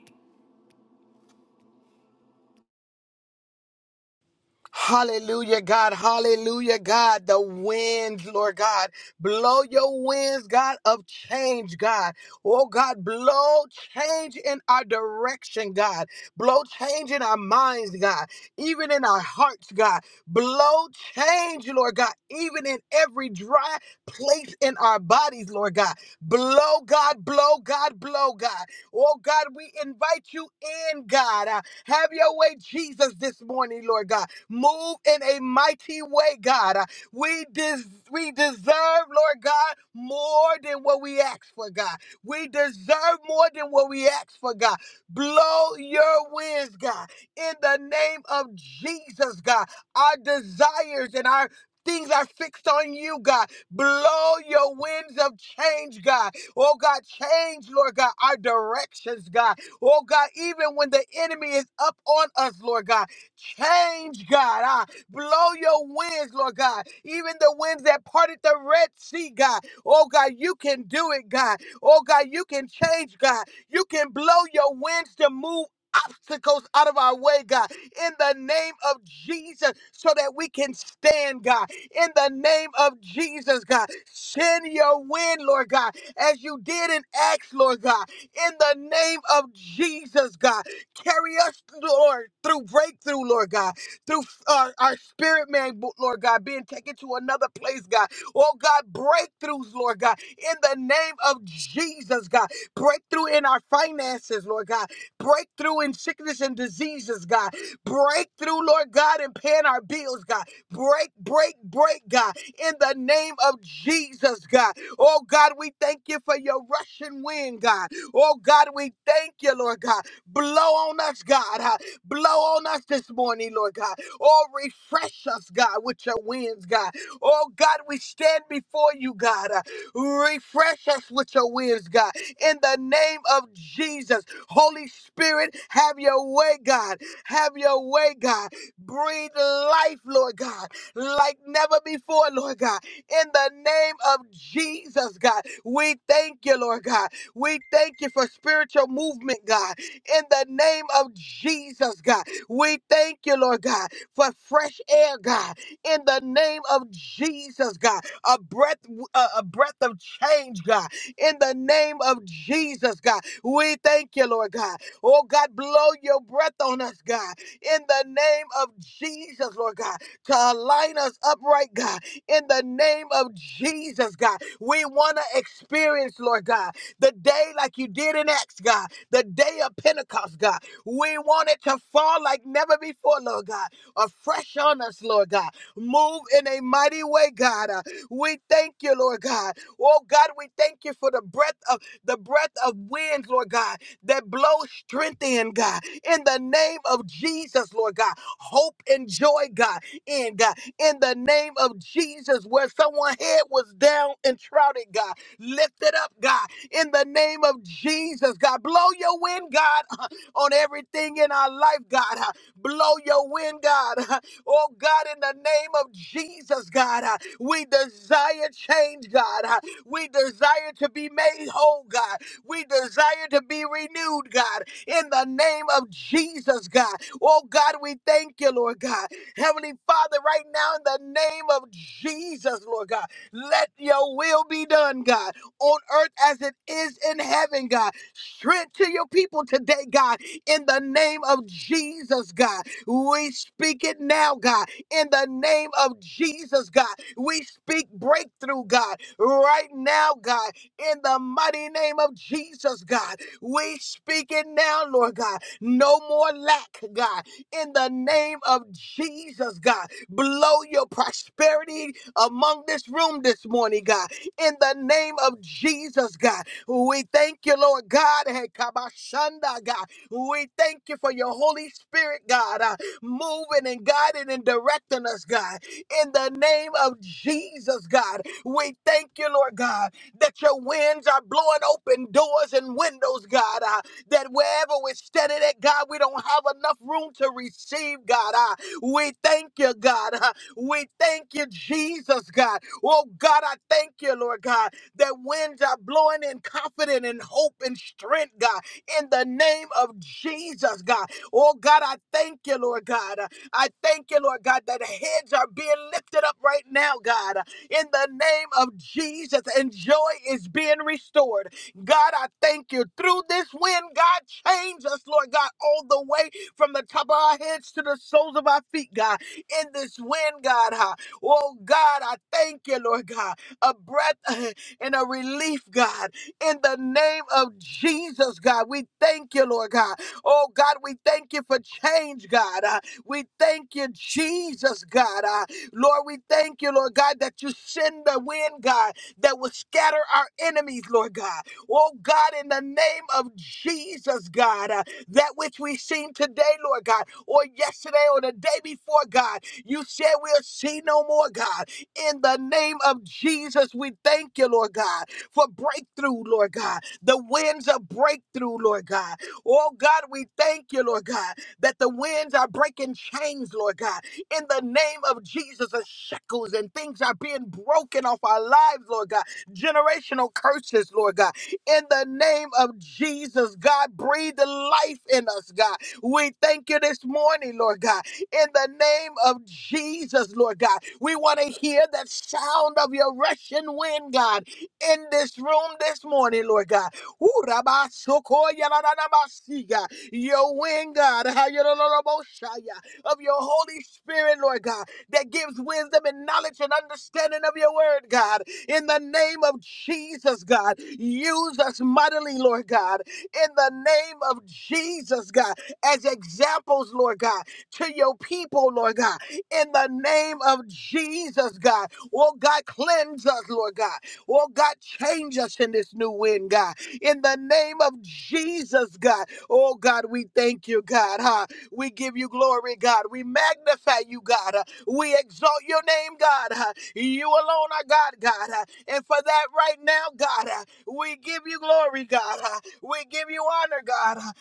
Speaker 3: Hallelujah, God. Hallelujah, God. The winds, Lord God. Blow your winds, God, of change, God. Oh, God, blow change in our direction, God. Blow change in our minds, God. Even in our hearts, God. Blow change, Lord God. Even in every dry place in our bodies, Lord God. Blow, God, blow, God, blow, God. Oh, God, we invite you in, God. Uh, have your way, Jesus, this morning, Lord God. Move in a mighty way, God. Uh, We, des- we deserve, Lord God, more than what we ask for, God. We deserve more than what we ask for, God. Blow your winds, God. In the name of Jesus, God. Our desires and our Things are fixed on you, God. Blow your winds of change, God. Oh, God, change, Lord God, our directions, God. Oh, God, even when the enemy is up on us, Lord God. Change, God. Ah, blow your winds, Lord God. Even the winds that parted the Red Sea, God. Oh, God, you can do it, God. Oh, God, you can change, God. You can blow your winds to move obstacles out of our way, God, in the name of Jesus, so that we can stand, God, in the name of Jesus, God. Send your wind, Lord God, as you did in Acts, Lord God, in the name of Jesus, God. Carry us, Lord, through breakthrough, Lord God, through our, our spirit man, Lord God, being taken to another place, God. Oh, God, breakthroughs, Lord God, in the name of Jesus, God. Breakthrough in our finances, Lord God. Breakthrough in sickness and diseases, God. Breakthrough, Lord God, in paying our bills, God. Break, break, break, God, in the name of Jesus, God. Oh, God, we thank you for your rushing wind, God. Oh, God, we thank you, Lord God. Blow on us, God. huh? Blow on us this morning, Lord God. Oh, refresh us, God, with your winds, God. Oh, God, we stand before you, God. uh, Refresh us with your winds, God. In the name of Jesus, Holy Spirit, have your way, God. Have your way, God. Breathe life, Lord God, like never before, Lord God. In the name of Jesus, God, we thank you, Lord God. We thank you for spiritual movement, God in the name of Jesus, God. We thank you, Lord God, for fresh air, God, in the name of Jesus, God. A breath, a, a breath of change, God, in the name of Jesus, God. We thank you, Lord God. Oh, God, blow your breath on us, God, in the name of Jesus, Lord God, to align us upright, God, in the name of Jesus, God. We want to experience, Lord God, the day like you did in Acts, God the day of Pentecost, God. We want it to fall like never before, Lord God. Afresh on us, Lord God. Move in a mighty way, God. Uh, we thank you, Lord God. Oh God, we thank you for the breath of the breath of winds, Lord God, that blows strength in, God. In the name of Jesus, Lord God. Hope and joy, God, in God. In the name of Jesus, where someone's head was down and shrouded, God. Lift it up, God in the name of Jesus, God. Blow your wind, God, on everything in our life, God. Blow your wind, God. Oh, God, in the name of Jesus, God, we desire change, God. We desire to be made whole, God. We desire to be renewed, God, in the name of Jesus, God. Oh, God, we thank you, Lord God. Heavenly Father, right now, in the name of Jesus, Lord God, let your will be done, God on earth as it is in heaven, God. Strength to your people today, God, in the name of Jesus, God. We speak it now, God, in the name of Jesus, God. We speak breakthrough, God, right now, God, in the mighty name of Jesus, God. We speak it now, Lord God. No more lack, God, in the name of Jesus, God. Blow your prosperity among this room this morning, God in the name of Jesus, God. We thank you, Lord God. Hey, Kabashanda, God. We thank you for your Holy Spirit, God, uh, moving and guiding and directing us, God. In the name of Jesus, God. We thank you, Lord God, that your winds are blowing open doors and windows, God. Uh, that wherever we're standing at, God, we don't have enough room to receive, God. Uh, we thank you, God. Uh, we thank you, Jesus, God. Oh God, I thank you, Lord God, that winds are blowing in confidence and hope and strength, God, in the name of Jesus, God. Oh God, I thank you, Lord God. I thank you, Lord God, that heads are being lifted up right now, God, in the name of Jesus, and joy is being restored. God, I thank you. Through this wind, God, change us, Lord God, all the way from the top of our heads to the soles of our feet, God. In this wind, God, huh? Oh God, I thank you, Lord God. A breath and a relief, God. In the name of Jesus, God, we thank you, Lord God. Oh God, we thank you for change, God. Uh, we thank you, Jesus, God. Uh, Lord, we thank you, Lord God, that you send the wind, God, that will scatter our enemies, Lord God. Oh God, in the name of Jesus, God, uh, that which we seen today, Lord God, or yesterday or the day before, God. You said we'll see no more, God. In the name of Jesus, we thank you, Lord God, for breakthrough, Lord God. The winds of breakthrough, Lord God. Oh, God, we thank you, Lord God, that the winds are breaking chains, Lord God. In the name of Jesus, the shackles and things are being broken off our lives, Lord God. Generational curses, Lord God. In the name of Jesus, God, breathe the life in us, God. We thank you this morning, Lord God in the name of Jesus, Lord God. We want to hear the sound of your rushing wind, God, in this room this morning, Lord God. Ooh, rabba, soko, yada, da, da, ba, si, God. Your wind, God, ha, yada, da, da, bo, sha, ya, of your Holy Spirit, Lord God, that gives wisdom and knowledge and understanding of your word, God. In the name of Jesus, God, use us mightily, Lord God. In the name of Jesus, God, as examples, Lord God to your people, Lord God. In the name of Jesus, God. Oh, God, cleanse us, Lord God. Oh, God, change us in this new wind, God. In the name of Jesus, God. Oh, God, we thank you, God. Huh? We give you glory, God. We magnify you, God. Uh, we exalt your name, God. Uh, You alone are God, God. Uh, And for that right now, God, uh, we give you glory, God. Uh, We give you honor, God. Uh,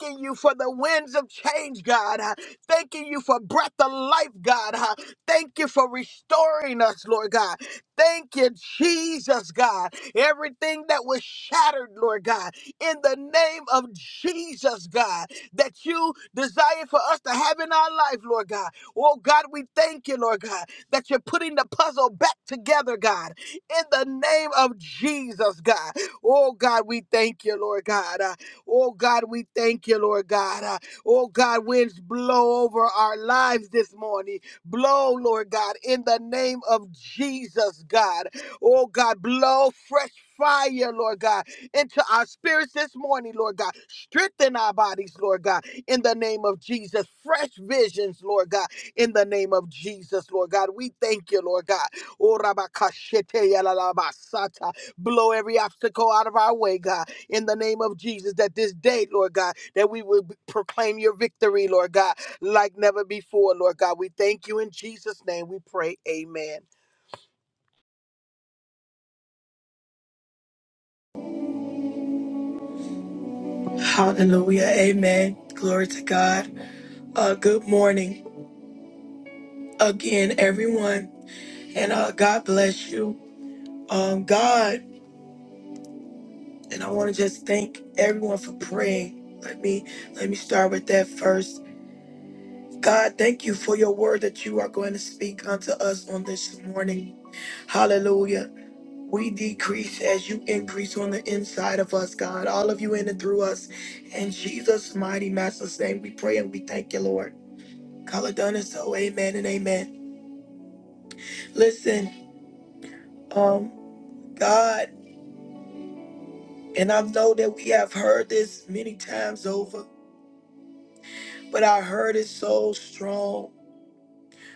Speaker 3: Thanking you for the winds of change, God. Huh? Thanking you for breath of life, God. huh? Thank you for restoring us, Lord God. Thank you, Jesus, God. Everything that was shattered, Lord God, in the name of Jesus, God, that you desire for us to have in our life, Lord God. Oh, God, we thank you, Lord God, that you're putting the puzzle back together, God, in the name of Jesus, God. Oh, God, we thank you, Lord God. Uh, Oh, God, we thank you, Lord God. Uh, Oh God, winds blow over our lives this morning. Blow, Lord God, in the name of Jesus, God. Oh God, blow fresh fire, Lord God, into our spirits this morning, Lord God. Strengthen our bodies, Lord God, in the name of Jesus. Fresh visions, Lord God, in the name of Jesus, Lord God. We thank you, Lord God. Oh, Rabakashete yalalabasata. Blow every obstacle out of our way, God, in the name of Jesus, that this day, Lord God, that we will proclaim your victory, Lord God, like never before, Lord God. We thank you in Jesus' name. We pray, amen.
Speaker 1: Hallelujah. Amen. Glory to God. Uh, good morning. again, everyone, and uh, God bless you. Um, God, and I want to just thank everyone for praying. Let me let me start with that first. God, thank you for your word that you are going to speak unto us on this morning. Hallelujah. We decrease as you increase on the inside of us, God. All of you in and through us. In Jesus' mighty master's name, we pray and we thank you, Lord. Call it done and so, amen and amen. Listen, um, God. And I know that we have heard this many times over, but I heard it so strong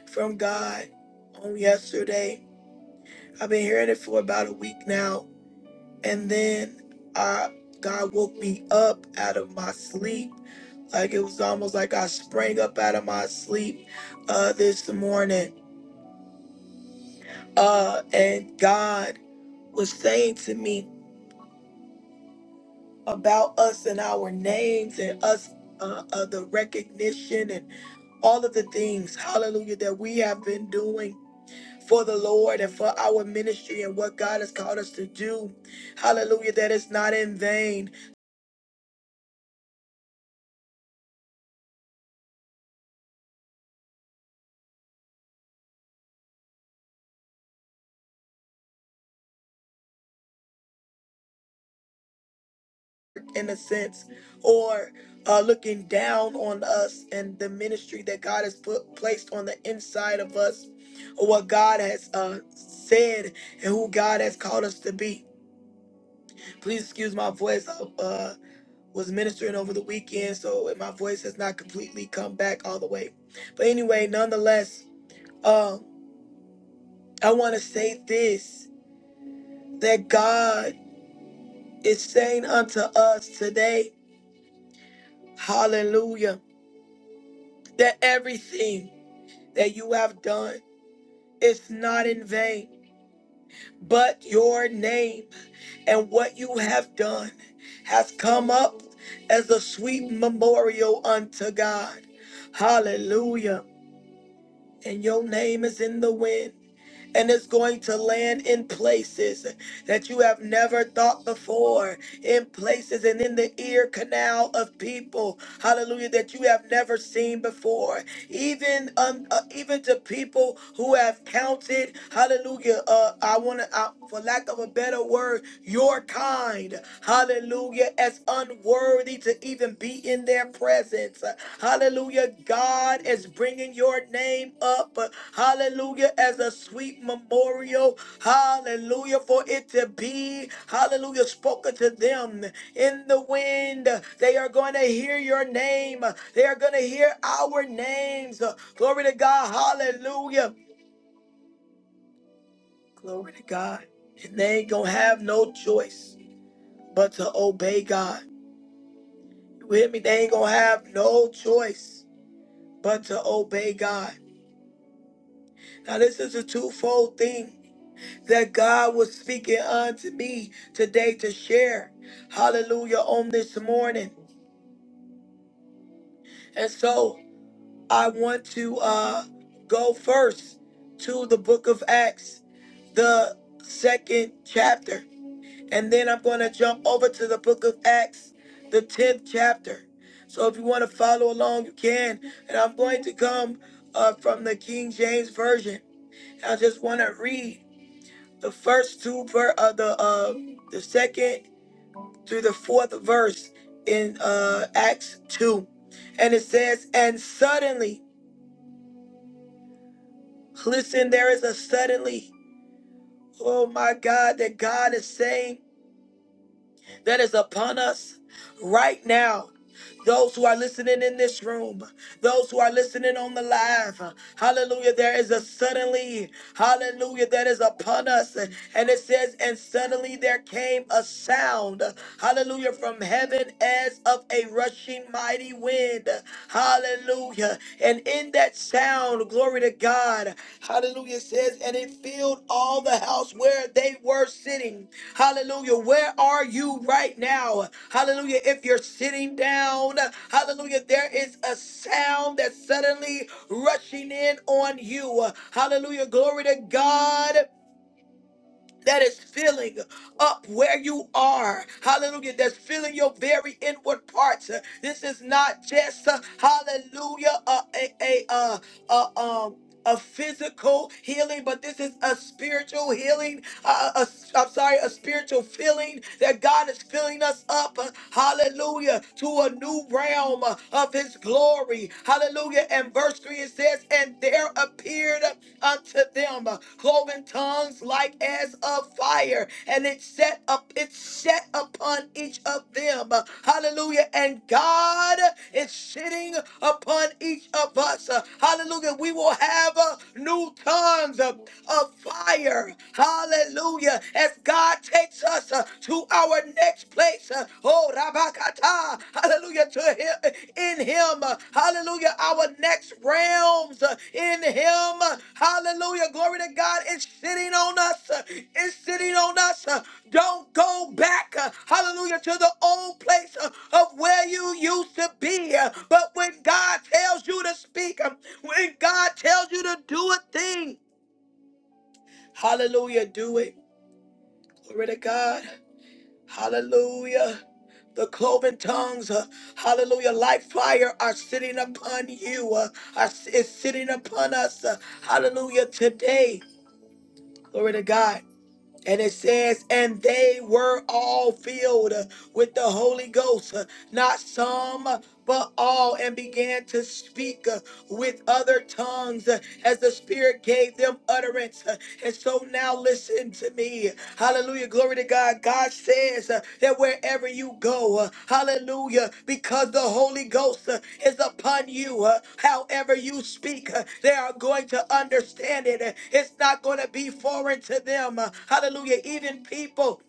Speaker 1: from God on yesterday. I've been hearing it for about a week now. And then I, God woke me up out of my sleep. Like it was almost like I sprang up out of my sleep uh, this morning. Uh, and God was saying to me, about us and our names and us uh, uh, the recognition and all of the things, hallelujah, that we have been doing for the Lord and for our ministry and what God has called us to do. Hallelujah, that it's not in vain, in a sense, or uh, looking down on us and the ministry that God has put placed on the inside of us, or what God has uh, said and who God has called us to be. Please excuse my voice. Uh, was ministering over the weekend, so my voice has not completely come back all the way. But anyway, nonetheless, um, I want to say this that God is saying unto us today, hallelujah, that everything that you have done is not in vain, but your name and what you have done has come up as a sweet memorial unto God. Hallelujah. And your name is in the wind. and it's going to land in places that you have never thought before, in places and in the ear canal of people, hallelujah, that you have never seen before, even um, uh, even to people who have counted, hallelujah, uh, I want to, uh, for lack of a better word, your kind, hallelujah, as unworthy to even be in their presence, hallelujah. God is bringing your name up, but hallelujah, as a sweet memorial, hallelujah, for it to be, hallelujah, spoken to them in the wind. They are going to hear your name, they are going to hear our names. Glory to God, hallelujah, glory to God. And they ain't gonna have no choice but to obey God. You hear me? They ain't gonna have no choice but to obey God. Now, this is a twofold thing that God was speaking unto me today to share. Hallelujah on this morning. And so I want to uh go first to the book of Acts, the second chapter. And then I'm going to jump over to the book of Acts, the 10th chapter. So if you want to follow along, you can. And I'm going to come uh, from the King James Version. I just want to read the first two ver- uh, the uh, the second through the fourth verse in uh, Acts 2. And it says, And suddenly, listen, there is a suddenly, oh my God, that God is saying that is upon us right now. Those who are listening in this room, those who are listening on the live, hallelujah, there is a suddenly, hallelujah, that is upon us. And it says, and suddenly there came a sound, hallelujah, from heaven as of a rushing mighty wind, hallelujah. And in that sound, glory to God. God. Hallelujah says, and it filled all the house where they were sitting. Hallelujah. Where are you right now? Hallelujah. If you're sitting down, hallelujah, there is a sound that's suddenly rushing in on you. Hallelujah. Glory to God. That is filling up where you are. Hallelujah. That's filling your very inward parts. This is not just, uh, hallelujah, uh, a, a, uh, uh, um, a physical healing, but this is a spiritual healing. Uh, uh, a, I'm sorry, a spiritual feeling that God is filling us up, uh, hallelujah, to a new realm uh, of His glory, hallelujah. And verse 3 it says, And there appeared unto them uh, cloven tongues like as of fire, and it set up, it's set upon each of them. Hallelujah. And God is sitting upon each of us. Hallelujah. We will have uh, new tongues of of fire. Hallelujah. As God takes us uh, to our next place. uh, Oh, Rabakata. Hallelujah. To him in him. Hallelujah. Our next realms uh, in him. Hallelujah. Glory to God. It's sitting on us. uh, It's sitting on us. Uh, Don't go back. uh, Hallelujah. To the old place uh, of where you used to be. Uh, But when God tells you to speak, um, when God tells you to do a thing, hallelujah, do it. Glory to God. Hallelujah. The cloven tongues, uh, hallelujah, like fire are sitting upon you, uh, are, is sitting upon us, uh, hallelujah, today. Glory to God. And it says, and they were all filled uh, with the Holy Ghost, uh, not some, uh, but all, and began to speak uh, with other tongues uh, as the Spirit gave them utterance. Uh, and so now listen to me. Hallelujah. Hallelujah. Glory to God. God says uh, that wherever you go, uh, hallelujah, because the Holy Ghost uh, is upon you, uh, however you speak, uh, they are going to understand it. Uh, It's not going to be foreign to them. Uh, hallelujah. Even people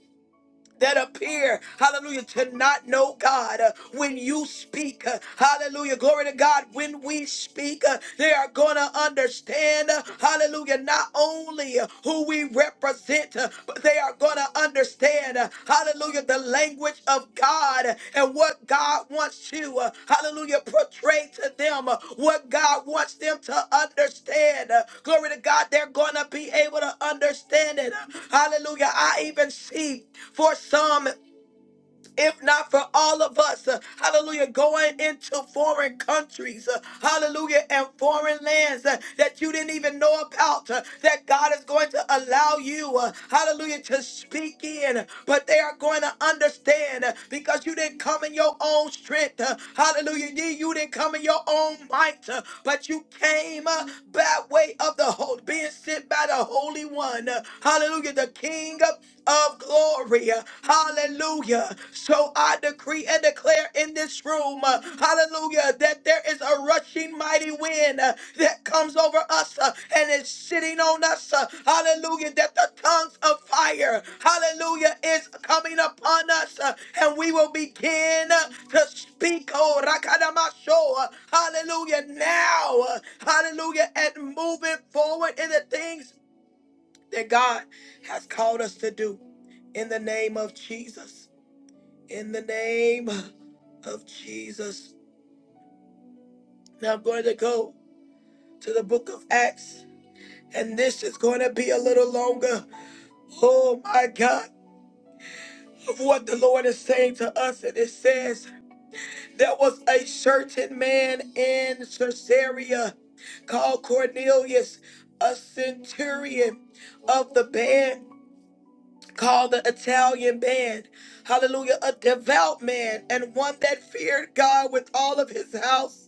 Speaker 1: that appear, hallelujah, to not know God. Uh, when you speak, uh, hallelujah, glory to God, when we speak, uh, they are going to understand, uh, hallelujah, not only uh, who we represent, uh, but they are going to understand, uh, hallelujah hallelujah, the language of God and what God wants you, uh, hallelujah, portray to them uh, what God wants them to understand. Uh, Glory to God, they're going to be able to understand it. Uh, Hallelujah. I even see for some if not for all of us, uh, hallelujah, going into foreign countries, uh, hallelujah, and foreign lands uh, that you didn't even know about, uh, that God is going to allow you, uh, hallelujah, to speak in, but they are going to understand uh, because you didn't come in your own strength, uh, hallelujah, you you didn't come in your own might, uh, but you came uh, by way of the whole, being sent by the Holy One, uh, hallelujah, the King of glory. Hallelujah. So I decree and declare in this room, uh, hallelujah, that there is a rushing mighty wind uh, that comes over us uh, and is sitting on us. uh, Hallelujah, that the tongues of fire, hallelujah, is coming upon us uh, and we will begin uh, to speak, oh, rakadamasho, uh, hallelujah, now, uh, hallelujah, and moving forward in the things that God has called us to do in the name of Jesus. In the name of Jesus. Now I'm going to go to the book of Acts, and this is going to be a little longer. Oh my God, of what the Lord is saying to us. And it says, There was a certain man in Caesarea called Cornelius, a centurion of the band Called the Italian band, hallelujah, a devout man and one that feared God with all of his house.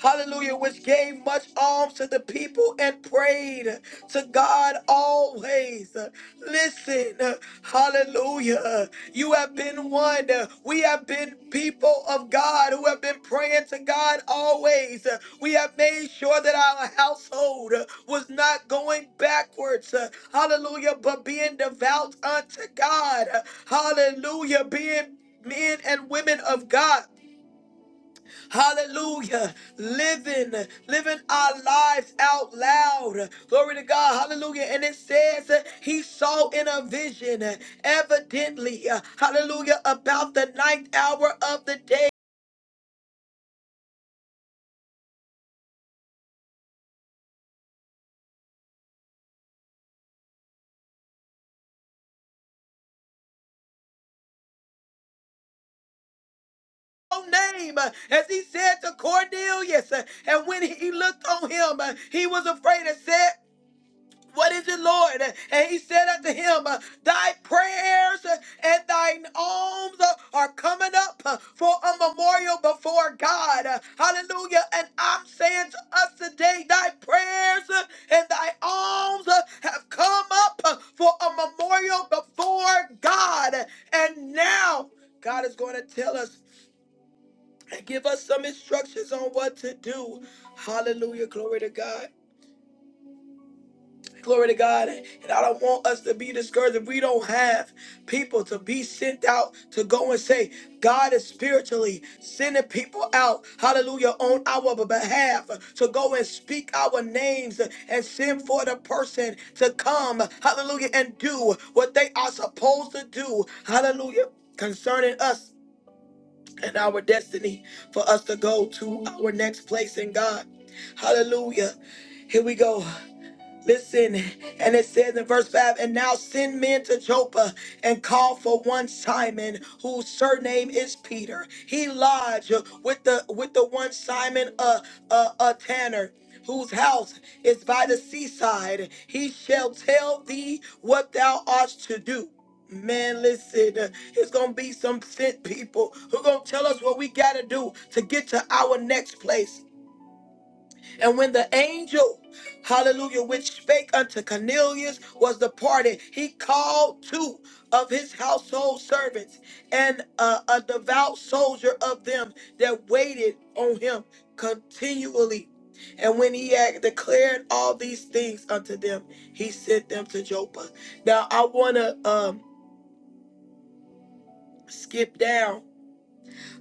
Speaker 1: Hallelujah, which gave much alms to the people and prayed to God always. Listen, hallelujah. You have been been one. We have been people of God who have been praying to God always. We have made sure that our household was not going backwards. Hallelujah. But being devout unto God. Hallelujah. Being men and women of God. Hallelujah. Living, living our lives out loud. Glory to God. Hallelujah. And it says uh, he saw in a vision, uh, evidently, uh, hallelujah, about the ninth hour of the day. no Name uh, as he said to Cornelius, uh, and when he looked on him, uh, he was afraid and said, What is it, Lord? And he said unto him, Thy prayers and thine alms are coming up for a memorial before God. Hallelujah. And I'm saying to us today, Thy prayers and thy alms have come up for a memorial before God. And now God is going to tell us and give us some instructions on what to do. Hallelujah. Glory to God. Glory to God. And I don't want us to be discouraged if we don't have people to be sent out to go and say, God is spiritually sending people out, hallelujah, on our behalf to go and speak our names and send for the person to come, hallelujah, and do what they are supposed to do, hallelujah, concerning us and our destiny for us to go to our next place in God. Hallelujah. Here we go. Listen, and it says in verse 5 And now send men to Joppa and call for one Simon, whose surname is Peter. He lodged with the with the one Simon a, a, a tanner, whose house is by the seaside. He shall tell thee what thou art to do. Man, listen, it's gonna be some sent people who gonna tell us what we gotta do to get to our next place. And when the angel, hallelujah, which spake unto Cornelius was departed, he called two of his household servants and uh, a devout soldier of them that waited on him continually. And when he had declared all these things unto them, he sent them to Joppa. Now I want to um, skip down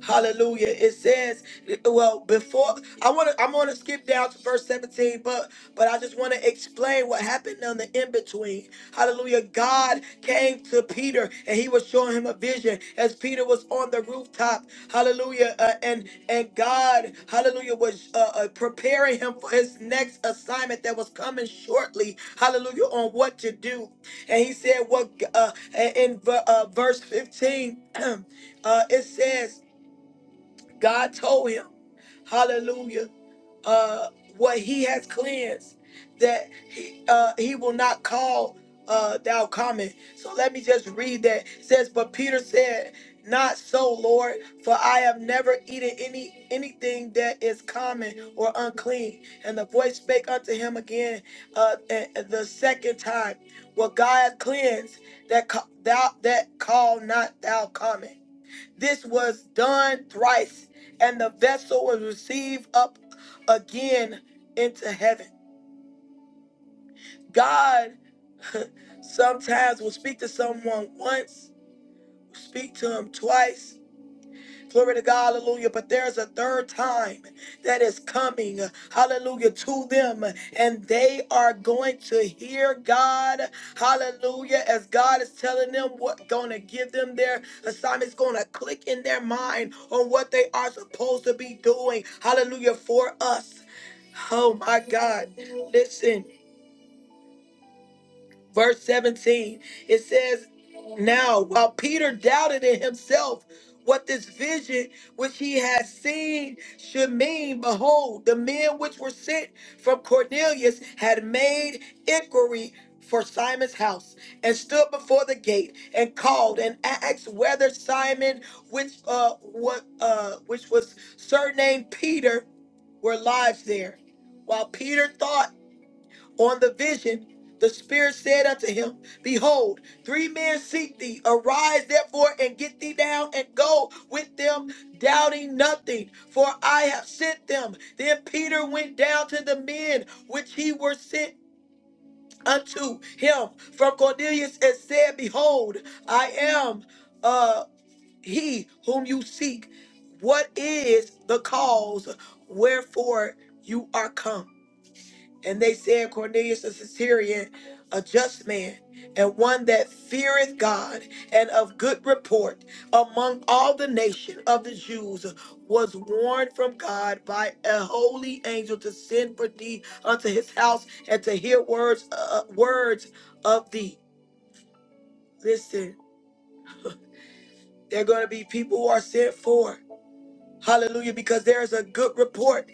Speaker 1: Hallelujah. It says, well, before I want to, I'm going to skip down to verse 17, but but I just want to explain what happened on the in between. Hallelujah. God came to Peter and he was showing him a vision as Peter was on the rooftop. Hallelujah. Uh, and and God, hallelujah, was uh, uh, preparing him for his next assignment that was coming shortly. Hallelujah. On what to do. And he said, what uh, in uh, verse 15, uh, it says, God told him, hallelujah, uh, what he has cleansed, that he, uh, he will not call uh, thou common. So let me just read that. It says, But Peter said, Not so, Lord, for I have never eaten any anything that is common or unclean. And the voice spake unto him again uh, a- a- the second time, What God hath cleansed, that ca- thou that call not thou common. This was done thrice, and the vessel was received up again into heaven. God sometimes will speak to someone once, speak to him twice, Glory to God, hallelujah. But there's a third time that is coming, hallelujah, to them, and they are going to hear God, hallelujah, as God is telling them what gonna give them their assignment's gonna click in their mind on what they are supposed to be doing, hallelujah, for us. Oh my God, listen verse 17, it says, Now, while Peter doubted in himself what this vision which he had seen should mean, behold, the men which were sent from Cornelius had made inquiry for Simon's house and stood before the gate and called and asked whether Simon, which uh, what uh, which was surnamed Peter, were lives there. While Peter thought on the vision, the Spirit said unto him, Behold, three men seek thee. Arise therefore and get thee down and go with them, doubting nothing, for I have sent them. Then Peter went down to the men which he were sent unto him from Cornelius and said, Behold, I am uh, he whom you seek. What is the cause wherefore you are come? And they said, Cornelius the Syrian, a just man, and one that feareth God, and of good report among all the nation of the Jews, was warned from God by a holy angel to send for thee unto his house and to hear words, uh, uh, words of thee. Listen, there are going to be people who are sent for. Hallelujah, because there is a good report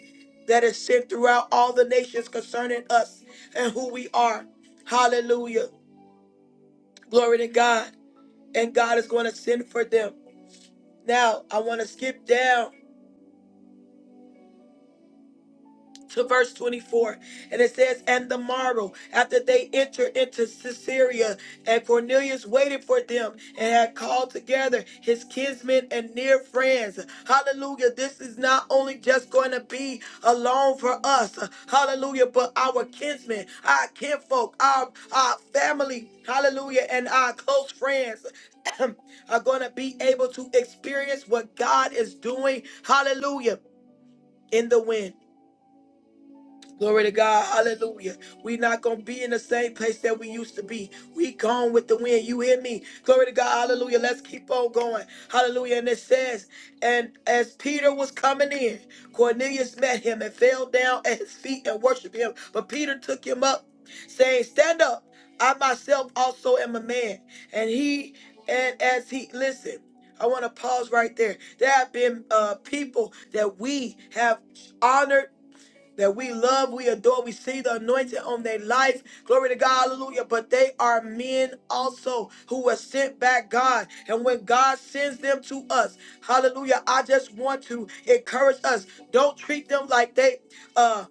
Speaker 1: that is sent throughout all the nations concerning us and who we are. Hallelujah. Glory to God. And God is going to send for them. Now, I want to skip down to verse 24 and it says and the morrow after they entered into Caesarea and Cornelius waited for them and had called together his kinsmen and near friends hallelujah this is not only just going to be alone for us hallelujah but our kinsmen our kinfolk our our family hallelujah and our close friends are going to be able to experience what God is doing hallelujah in the wind Glory to God. Hallelujah. we not going to be in the same place that we used to be. We gone with the wind. You hear me? Glory to God. Hallelujah. Let's keep on going. Hallelujah. And it says, and as Peter was coming in, Cornelius met him and fell down at his feet and worshiped him. But Peter took him up, saying, Stand up. I myself also am a man. And he, and as he, listen, I want to pause right there. There have been uh, people that we have honored that we love, we adore, we see the anointing on their life. Glory to God, hallelujah. But they are men also who were sent by God. And when God sends them to us, hallelujah, I just want to encourage us. Don't treat them like they uh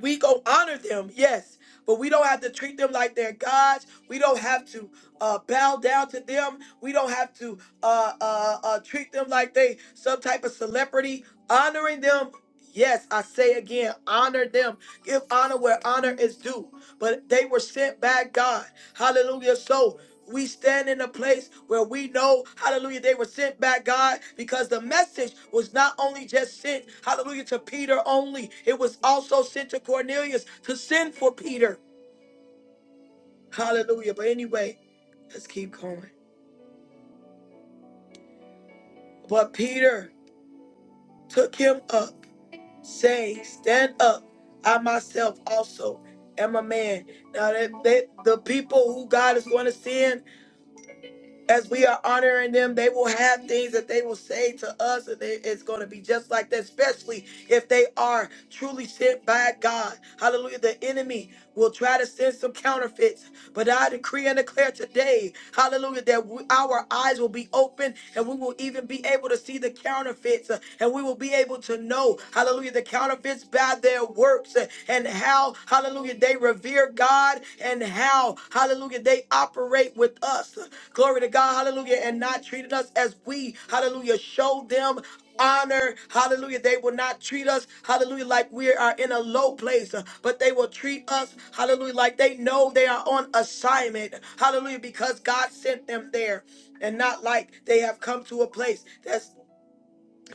Speaker 1: we go honor them, yes, but we don't have to treat them like they're gods. We don't have to uh, bow down to them. We don't have to uh, uh, uh, treat them like they some type of celebrity. Honoring them, yes, I say again, honor them. Give honor where honor is due. But they were sent by God. Hallelujah. So we stand in a place where we know, hallelujah, they were sent back, God, because the message was not only just sent, hallelujah, to Peter only, it was also sent to Cornelius to send for Peter. Hallelujah. But anyway, let's keep going. But Peter took him up, saying, Stand up, I myself also am a man. Now, that, that- the people who God is going to send as we are honoring them, they will have things that they will say to us, and it- it's going to be just like that, especially if they are truly sent by God. Hallelujah. The enemy will try to send some counterfeits. But I decree and declare today, hallelujah, that we, our eyes will be open and we will even be able to see the counterfeits uh, and we will be able to know, hallelujah, the counterfeits by their works uh, and how, hallelujah, they revere God and how, hallelujah, they operate with us. Glory to God, hallelujah, and not treating us as we, hallelujah, show them honor. Hallelujah. They will not treat us, hallelujah, like we are in a low place, uh, but they will treat us, hallelujah, like they know they are on assignment. Hallelujah, because God sent them there and not like they have come to a place that's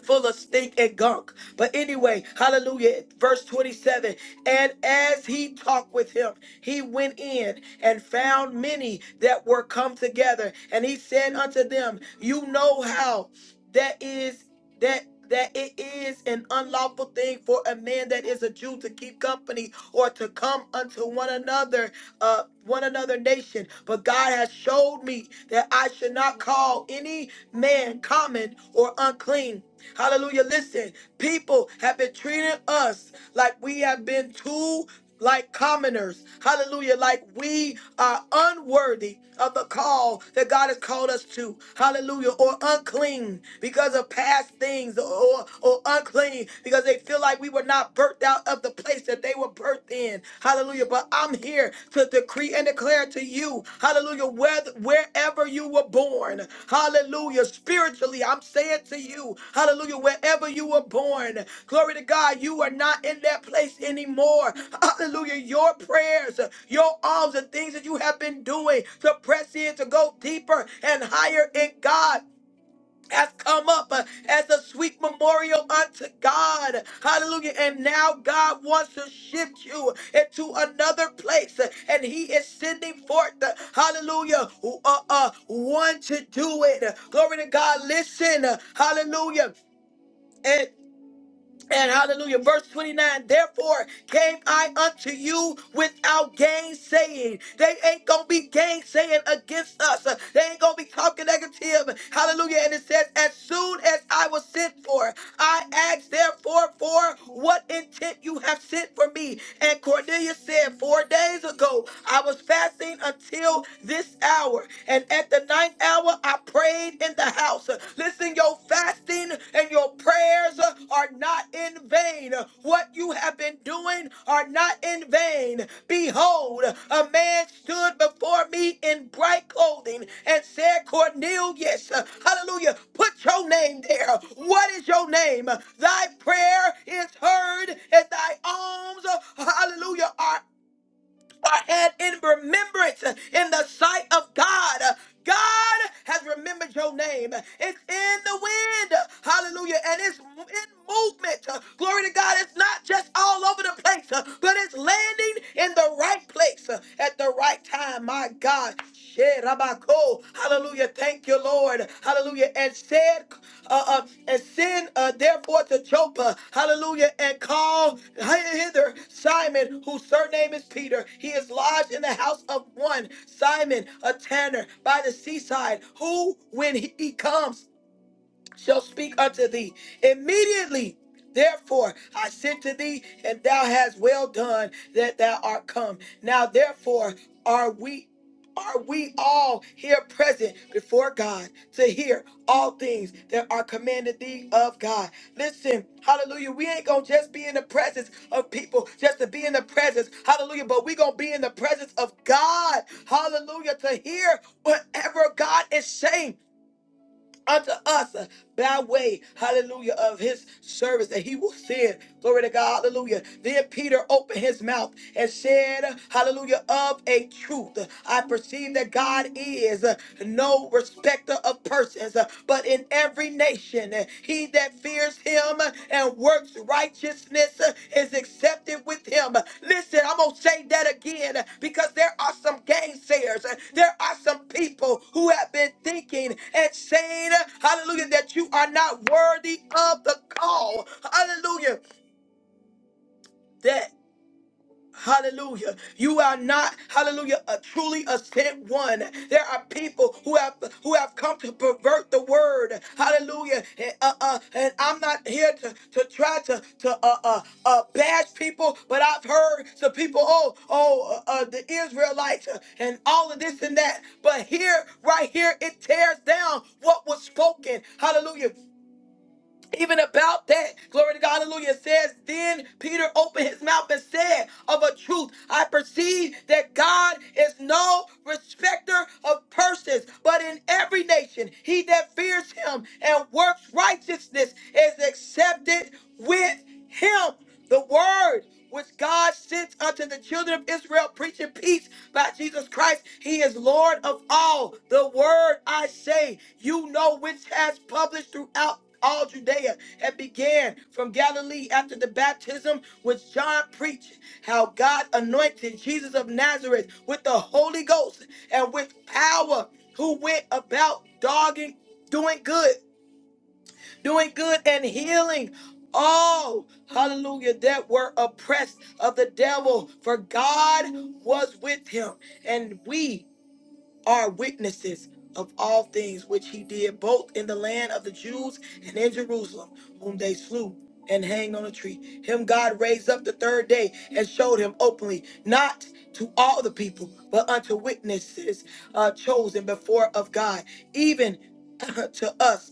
Speaker 1: full of stink and gunk. But anyway, hallelujah. Verse 27 And as he talked with him, he went in and found many that were come together. And he said unto them, You know how that is that that it is an unlawful thing for a man that is a Jew to keep company or to come unto one another, uh, one another nation. But God has showed me that I should not call any man common or unclean. Hallelujah. Listen, people have been treating us like we have been too like commoners, hallelujah, like we are unworthy of the call that God has called us to, hallelujah, or unclean because of past things, or, or unclean because they feel like we were not birthed out of the place that they were birthed in, hallelujah. But I'm here to decree and declare to you you. Hallelujah. Whether, wherever you were born. Hallelujah. Spiritually, I'm saying to you, hallelujah, wherever you were born. Glory to God, you are not in that place anymore. Hallelujah. Your prayers, your alms, and things that you have been doing to press in, to go deeper and higher in God has come up uh, as a sweet memorial unto God. Hallelujah. And now God wants to shift you into another place. uh, And He is sending forth, uh, hallelujah, uh, uh, one to do it. Glory to God. Listen, uh, hallelujah. And hallelujah, verse 29 Therefore came I unto you without gainsaying. They ain't gonna be gainsaying against us, Uh, they ain't gonna be talking negative. Hallelujah. And it says, As soon as I was sent for, I asked therefore for what intent you have sent for me. And Cornelius said, Four days ago I was fasting until this hour, and at the ninth hour hour I prayed in the house. Listen, your fasting and your prayers are not in vain. What you have been doing are not in vain. Behold, a man stood before me in bright clothing and said, Cornelius, hallelujah, put your name there. What is your name? Thy prayer is heard and thy alms, hallelujah, are are had in remembrance uh, in the sight of God. Uh, God has remembered your name. It's in the wind. uh, Hallelujah. And it's in movement. Uh, Glory to God. It's not just all over the place, uh, but it's landing in the right place uh, at the right time. My God. Rabako. Hallelujah. Thank you, Lord. Hallelujah. And said, uh, uh, and send uh, therefore to Joppa. Hallelujah. And call hither Simon, whose surname is Peter. He is lodged in the house of one Simon, a tanner by the seaside, who, when he comes, shall speak unto thee. Immediately, therefore, I sent to thee, and thou hast well done that thou art come. Now, therefore, are we. Are we all here present before God to hear all things that are commanded thee of God? Listen, hallelujah. We ain't gonna just be in the presence of people just to be in the presence, hallelujah. But we gonna be in the presence of God, hallelujah, to hear whatever God is saying unto us by way, hallelujah, of his service that he will send. Glory to God, hallelujah. Then Peter opened his mouth and said, hallelujah, of a truth. I perceive that God is no respecter of persons, but in every nation, he that fears him and works righteousness is accepted with him. Listen, I'm going to say that again because there are some gainsayers. There are some people who have been thinking and saying, hallelujah, that you are not worthy of the call. Hallelujah. that. Hallelujah. You are not, hallelujah, a, truly a sent one. There are people who have who have come to pervert the word. Hallelujah. And, uh, uh, and I'm not here to, to try to, to uh, uh, uh, bash people, but I've heard some people, oh, oh, uh, uh, the Israelites uh, and all of this and that. But here, right here, it tears down what was spoken. Hallelujah even about that. Glory to God, hallelujah. It says, Then Peter opened his mouth and said, Of a truth, I perceive that God is no respecter of persons, but in every nation, he that fears him and works righteousness is accepted with him the word which God sent unto the children of Israel, preaching peace by Jesus Christ. He is Lord of all. The word I say, you know, which has published throughout all Judea and began from Galilee after the baptism which John preached, how God anointed Jesus of Nazareth with the Holy Ghost and with power, who went about dogging, doing good doing good and healing all, hallelujah, that were oppressed of the devil, for God was with him. And we are witnesses of all things which he did, both in the land of the Jews and in Jerusalem, whom they slew. And hanged on a tree. Him God raised up the third day and showed him openly, not to all the people, but unto witnesses uh, chosen before of God, even to us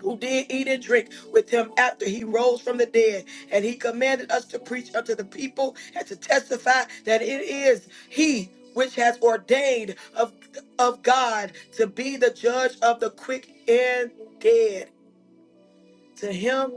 Speaker 1: who did eat and drink with him after he rose from the dead. And he commanded us to preach unto the people and to testify that it is he which has ordained of, of God to be the judge of the quick and dead. To him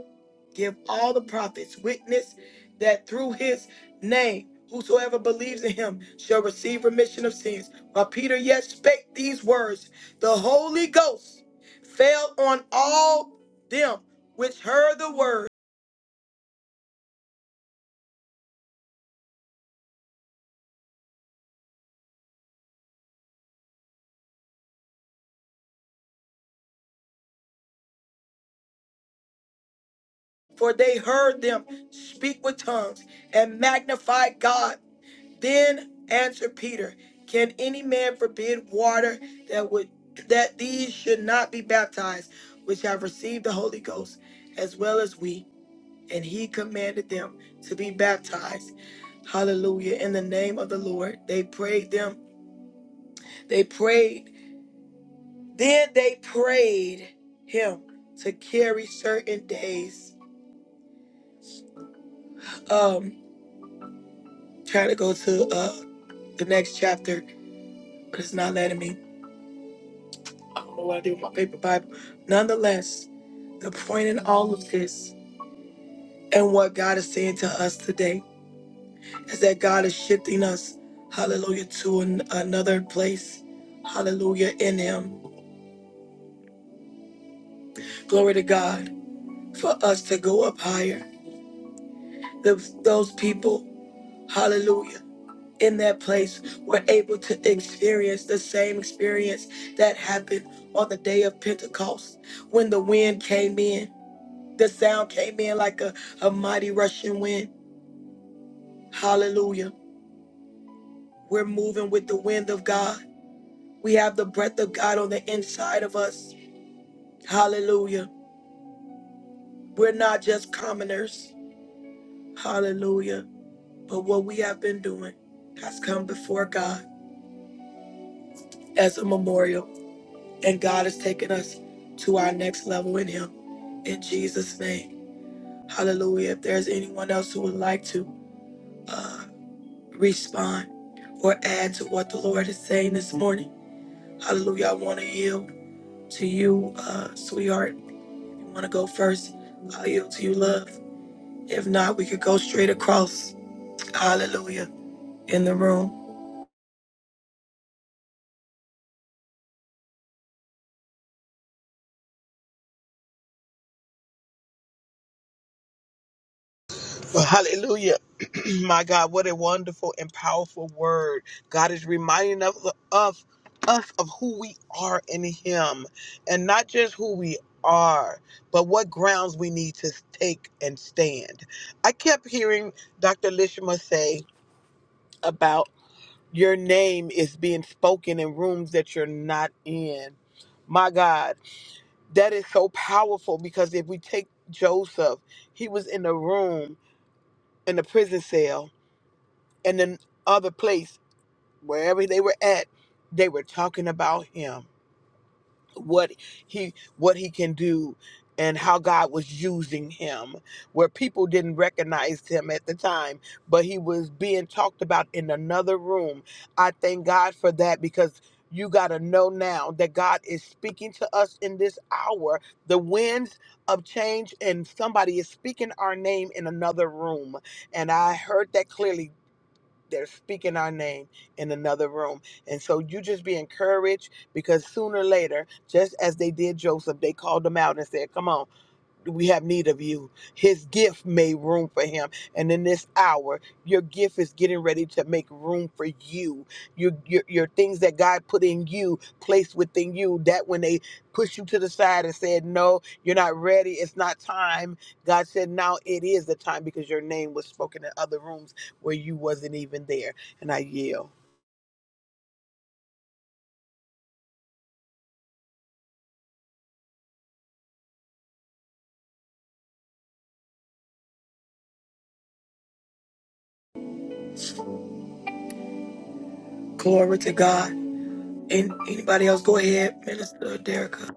Speaker 1: give all the prophets witness that through his name, whosoever believes in him shall receive remission of sins. While Peter yet spake these words, the Holy Ghost fell on all them which heard the word, for they heard them speak with tongues and magnified God. Then answered Peter, Can any man forbid water that would that these should not be baptized, which have received the Holy Ghost, as well as we? And he commanded them to be baptized. Hallelujah. In the name of the Lord. They prayed them. They prayed. Then they prayed him to carry certain days. Um, trying to go to uh the next chapter, but it's not letting me. I don't know what I do with my paper Bible. Nonetheless, the point in all of this and what God is saying to us today is that God is shifting us, hallelujah, to an, another place, hallelujah, in Him. Glory to God for us to go up higher. Those, those people, hallelujah, in that place were able to experience the same experience that happened on the day of Pentecost when the wind came in. The sound came in like a, a mighty rushing wind. Hallelujah. We're moving with the wind of God. We have the breath of God on the inside of us. Hallelujah. We're not just commoners. Hallelujah. But what we have been doing has come before God as a memorial. And God has taken us to our next level in Him. In Jesus' name. Hallelujah. If there's anyone else who would like to uh, respond or add to what the Lord is saying this morning, Hallelujah. I want to yield to you, uh, sweetheart. If you want to go first, I'll yield to you, love. If not, we could go straight across. Hallelujah. In the room.
Speaker 3: Well, hallelujah. My God, what a wonderful and powerful word. God is reminding us of us of who we are in him and not just who we are but what grounds we need to take and stand i kept hearing dr lishima say about. Your name is being spoken in rooms that you're not in. My God, that is so powerful because if we take Joseph, he was in a room in a prison cell and then other place, wherever they were at, they were talking about him what he what he can do and how God was using him where people didn't recognize him at the time but he was being talked about in another room i thank God for that because you got to know now that God is speaking to us in this hour the winds of change and somebody is speaking our name in another room and i heard that clearly they're speaking our name in another room. And so you just be encouraged because sooner or later, just as they did Joseph, they called him out and said, Come on we have need of you. His gift made room for him. And in this hour, your gift is getting ready to make room for you. Your, your, your things that God put in you, placed within you, that when they pushed you to the side and said, No, you're not ready, it's not time. God said, Now it is the time because your name was spoken in other rooms where you wasn't even there. And I yell.
Speaker 1: Glory to God. And anybody else, go ahead, Minister Derrica.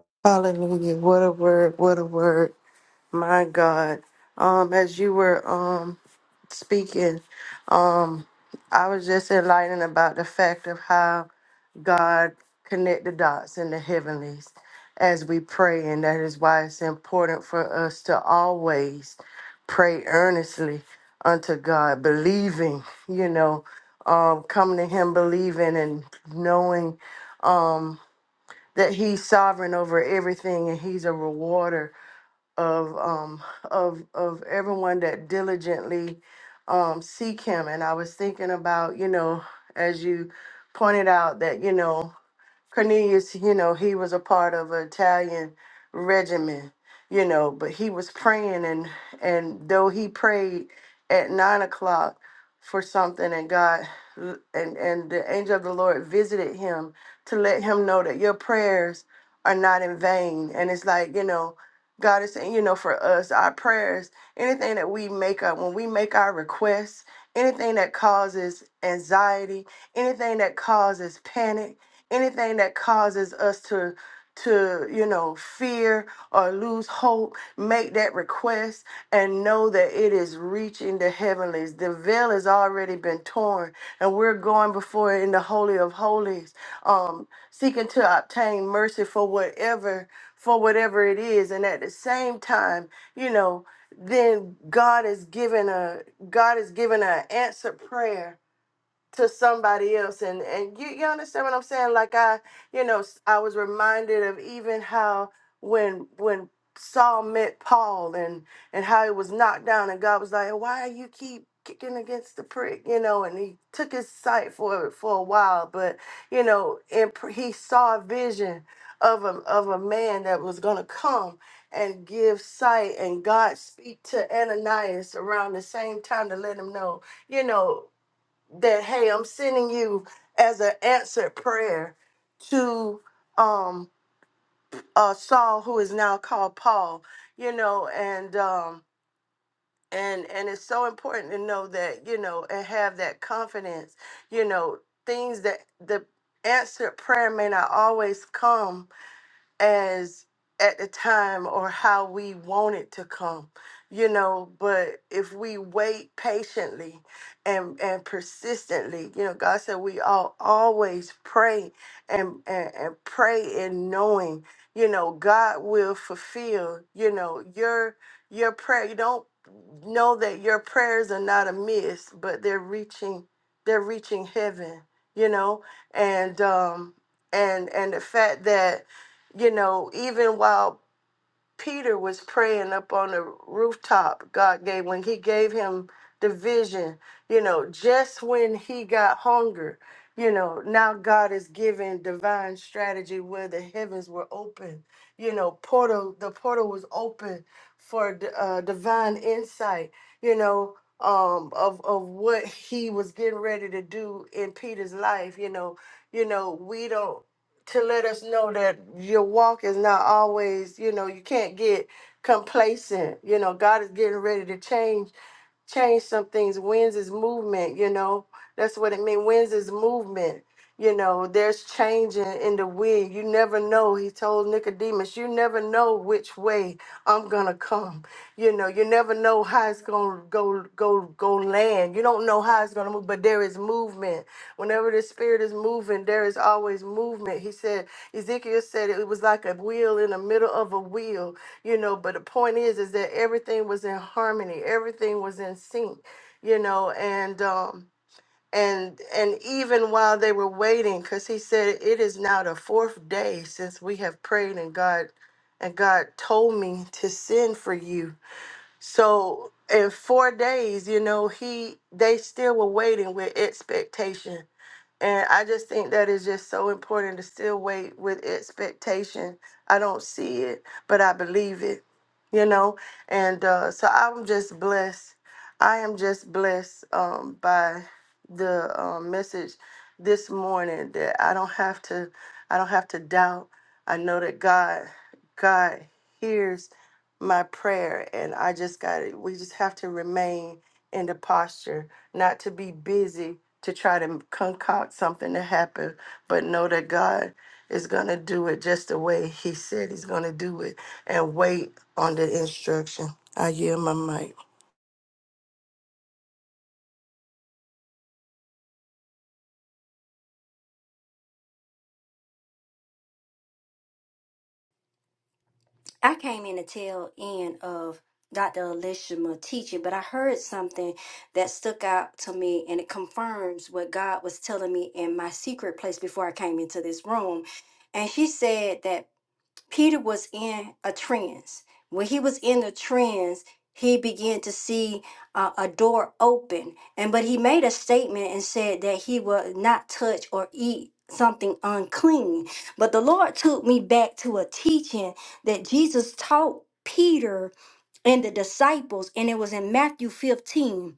Speaker 4: I came in the tail end of Dr. Elishma teaching, but I heard something that stuck out to me and it confirms what God was telling me in my secret place before I came into this room. And she said that Peter was in a trance. When he was in the trance, he began to see uh, a door open, and but he made a statement and said that he would not touch or eat something unclean. But the Lord took me back to a teaching that Jesus taught Peter and the disciples, and it was in Matthew 15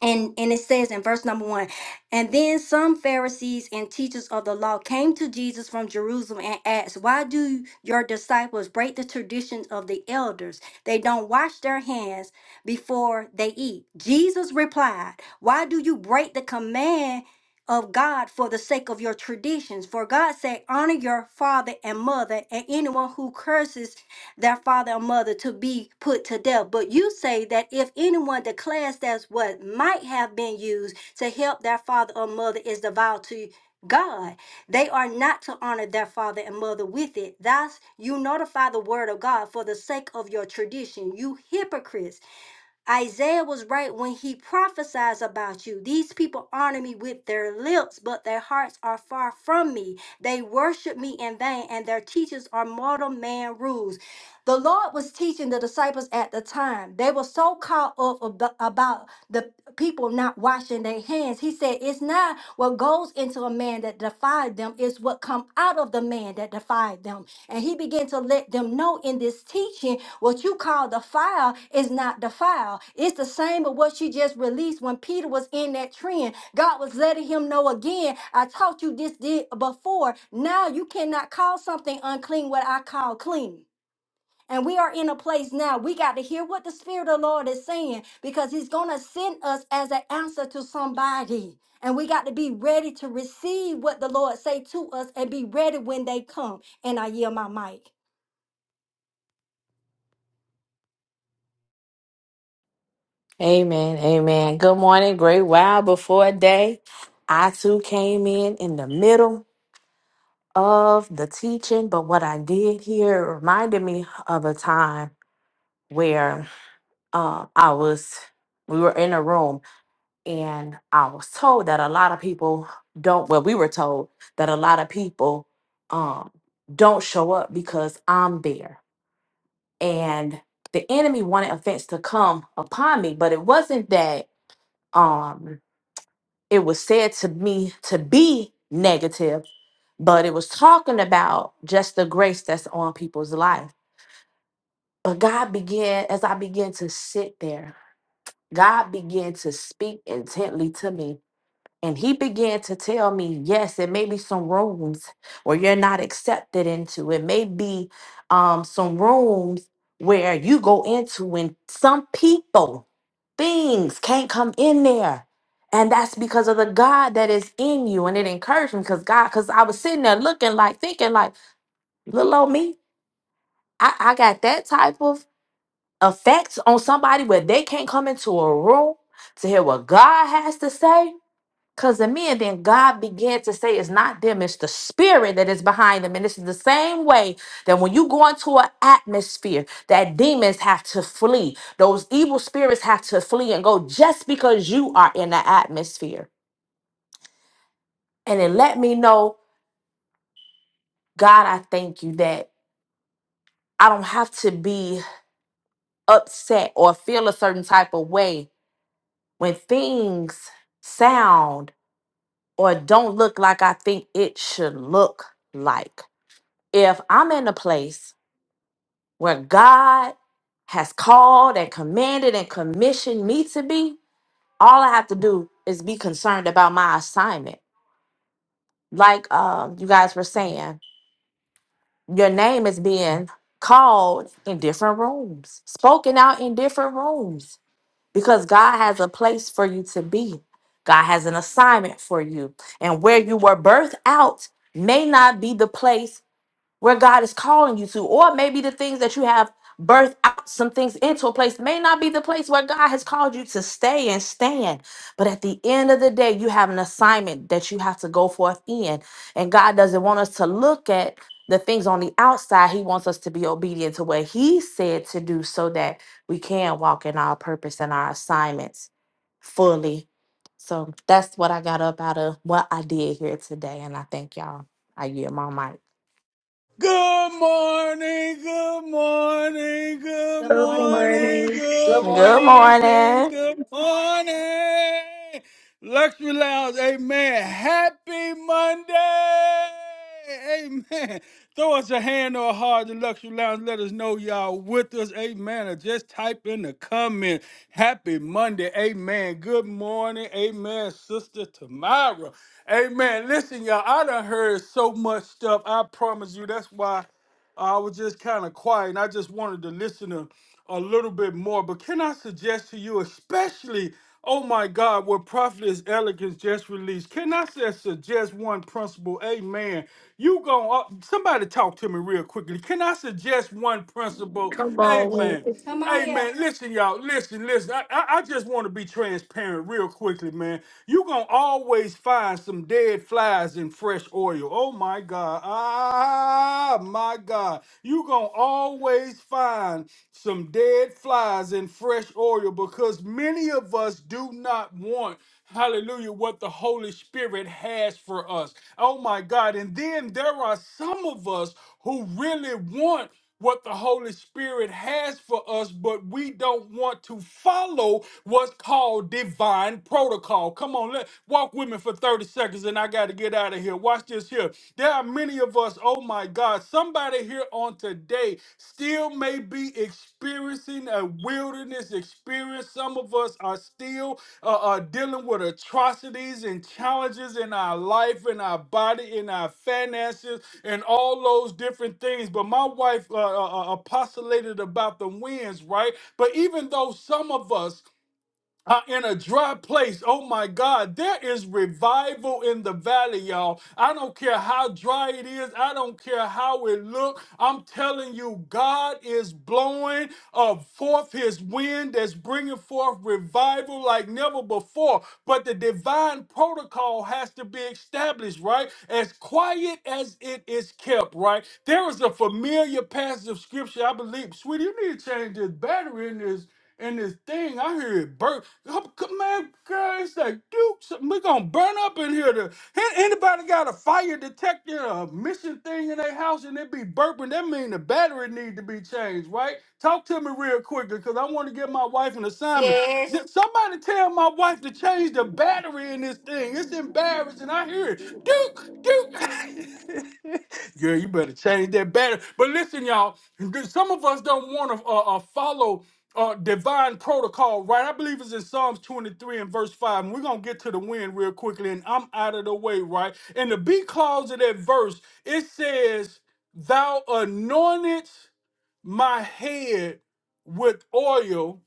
Speaker 4: and and it says in verse number one and then some pharisees and teachers of the law came to jesus from jerusalem and asked why do your disciples break the traditions of the elders they don't wash their hands before they eat jesus replied why do you break the command of God for the sake of your traditions. For God said, honor your father and mother, and anyone who curses their father and mother to be put to death. But you say that if anyone declares that what might have been used to help their father or mother is devout to God, they are not to honor their father and mother with it. Thus, you notify the word of God for the sake of your tradition. You hypocrites. Isaiah was right when he prophesies about you. These people honor me with their lips, but their hearts are far from me. They worship me in vain, and their teachers are mortal man rules. The Lord was teaching the disciples at the time. They were so caught up ab- about the people not washing their hands. He said, It's not what goes into a man that defied them, it's what come out of the man that defied them. And he began to let them know in this teaching what you call the fire is not the fire. It's the same of what you just released when Peter was in that trend. God was letting him know again, I taught you this did before. Now you cannot call something unclean what I call clean. And we are in a place now, we got to hear what the Spirit of the Lord is saying because He's going to send us as an answer to somebody. And we got to be ready to receive what the Lord say to us and be ready when they come. And I yield my mic.
Speaker 5: Amen. Amen. Good morning. Great While before day. I too came in in the middle of the teaching, but what I did here reminded me of a time where uh, I was, we were in a room and I was told that a lot of people don't, well, we were told that a lot of people um, don't show up because I'm there. And the enemy wanted offense to come upon me, but it wasn't that. Um, it was said to me to be negative, but it was talking about just the grace that's on people's life. But God began, as I began to sit there, God began to speak intently to me and he began to tell me, yes, it may be some rooms where you're not accepted into. It may be um, some rooms where you go into, and some people, things can't come in there. And that's because of the God that is in you. And it encouraged me because God, because I was sitting there looking like, thinking like, little old me, I, I got that type of effects on somebody where they can't come into a room to hear what God has to say because of men, then God began to say, It's not them, it's the spirit that is behind them. And this is the same way that when you go into an atmosphere, that demons have to flee. Those evil spirits have to flee and go just because you are in the atmosphere. And it let me know, God, I thank you that I don't have to be upset or feel a certain type of way when things sound or don't look like I think it should look like. If I'm in a place where God has called and commanded and commissioned me to be, all I have to do is be concerned about my assignment. Like um, you guys were saying, your name is being called in different rooms, spoken out in different rooms, because God has a place for you to be. God has an assignment for you. And where you were birthed out may not be the place where God is calling you to, or maybe the things that you have birthed out some things into a place may not be the place where God has called you to stay and stand. But at the end of the day, you have an assignment that you have to go forth in. And God doesn't want us to look at the things on the outside. He wants us to be obedient to what He said to do so that we can walk in our purpose and our assignments fully. So that's what I got up out of what I did here today. And I thank y'all. I yield my mic.
Speaker 2: Good morning, good morning, good
Speaker 4: Good
Speaker 1: Good
Speaker 4: morning. Good
Speaker 2: morning,
Speaker 4: morning.
Speaker 1: morning.
Speaker 3: Good
Speaker 2: good
Speaker 5: Good
Speaker 3: morning.
Speaker 2: morning,
Speaker 5: morning.
Speaker 2: good morning. Luxury Lounge, amen. Happy Monday, amen. Throw us a hand or a heart in Luxury Lounge. Let us know y'all with us, amen. Or just type in the comment, happy Monday, amen. Good morning, amen, Sister Tamara, amen. Listen, y'all, I done heard there's so much stuff. I promise you. That's why I was just kind of quiet, and I just wanted to listen to a little bit more. But can I suggest to you, especially, oh my God, what Prophetess Elegance just released? Can I just suggest one principle? Amen. You going somebody talk to me real quickly. Can I suggest one principle? Amen.
Speaker 4: Come on
Speaker 2: Hey
Speaker 4: here.
Speaker 2: man, listen, y'all. Listen, listen. I, I, I just want to be transparent real quickly, man. you gonna always find some dead flies in fresh oil. Oh my God. Ah my God. you gonna always find some dead flies in fresh oil because many of us do not want hallelujah what the holy spirit has for us oh my god and then there are some of us who really want what the Holy Spirit has for us, but we don't want to follow what's called divine protocol. Come on, let walk with me for 30 seconds and I gotta get out of here. Watch this here. There are many of us, oh my God, somebody here on today still may be experiencing experiencing a wilderness experience. Some of us are still uh, uh, dealing with atrocities and challenges in our life, in our body, in our finances, and all those different things. But my wife uh, uh, uh, postulated about the winds, right? But even though some of us are in a dry place. Oh my God, there is revival in the valley, y'all. I don't care how dry it is. I don't care how it look. I'm telling you, God is blowing uh, forth His wind that's bringing forth revival like never before. But the divine protocol has to be established, right? As quiet as it is kept, right? There is a familiar passage of scripture. I believe, sweetie, you need to change this battery in this and this thing, I hear it burn. Oh, c- Man, girl, it's like, dude, something- we gonna burn up in here. To, An- anybody got a fire detector, a mission thing in their house, and it be burping? That mean the battery need to be changed, right? Talk to me real quick, because I want to give my wife an assignment.
Speaker 4: Yes.
Speaker 2: Th- Somebody tell my wife to change the battery in this thing. It's embarrassing. I hear it. Duke, Duke. Girl, you better change that battery. But listen, y'all, some of us don't want to uh, uh, follow uh, divine protocol, right? I believe it's in Psalms 23 and verse 5. And we're going to get to the wind real quickly, and I'm out of the way, right? In the B clause of that verse, it says, Thou anointest my head with oil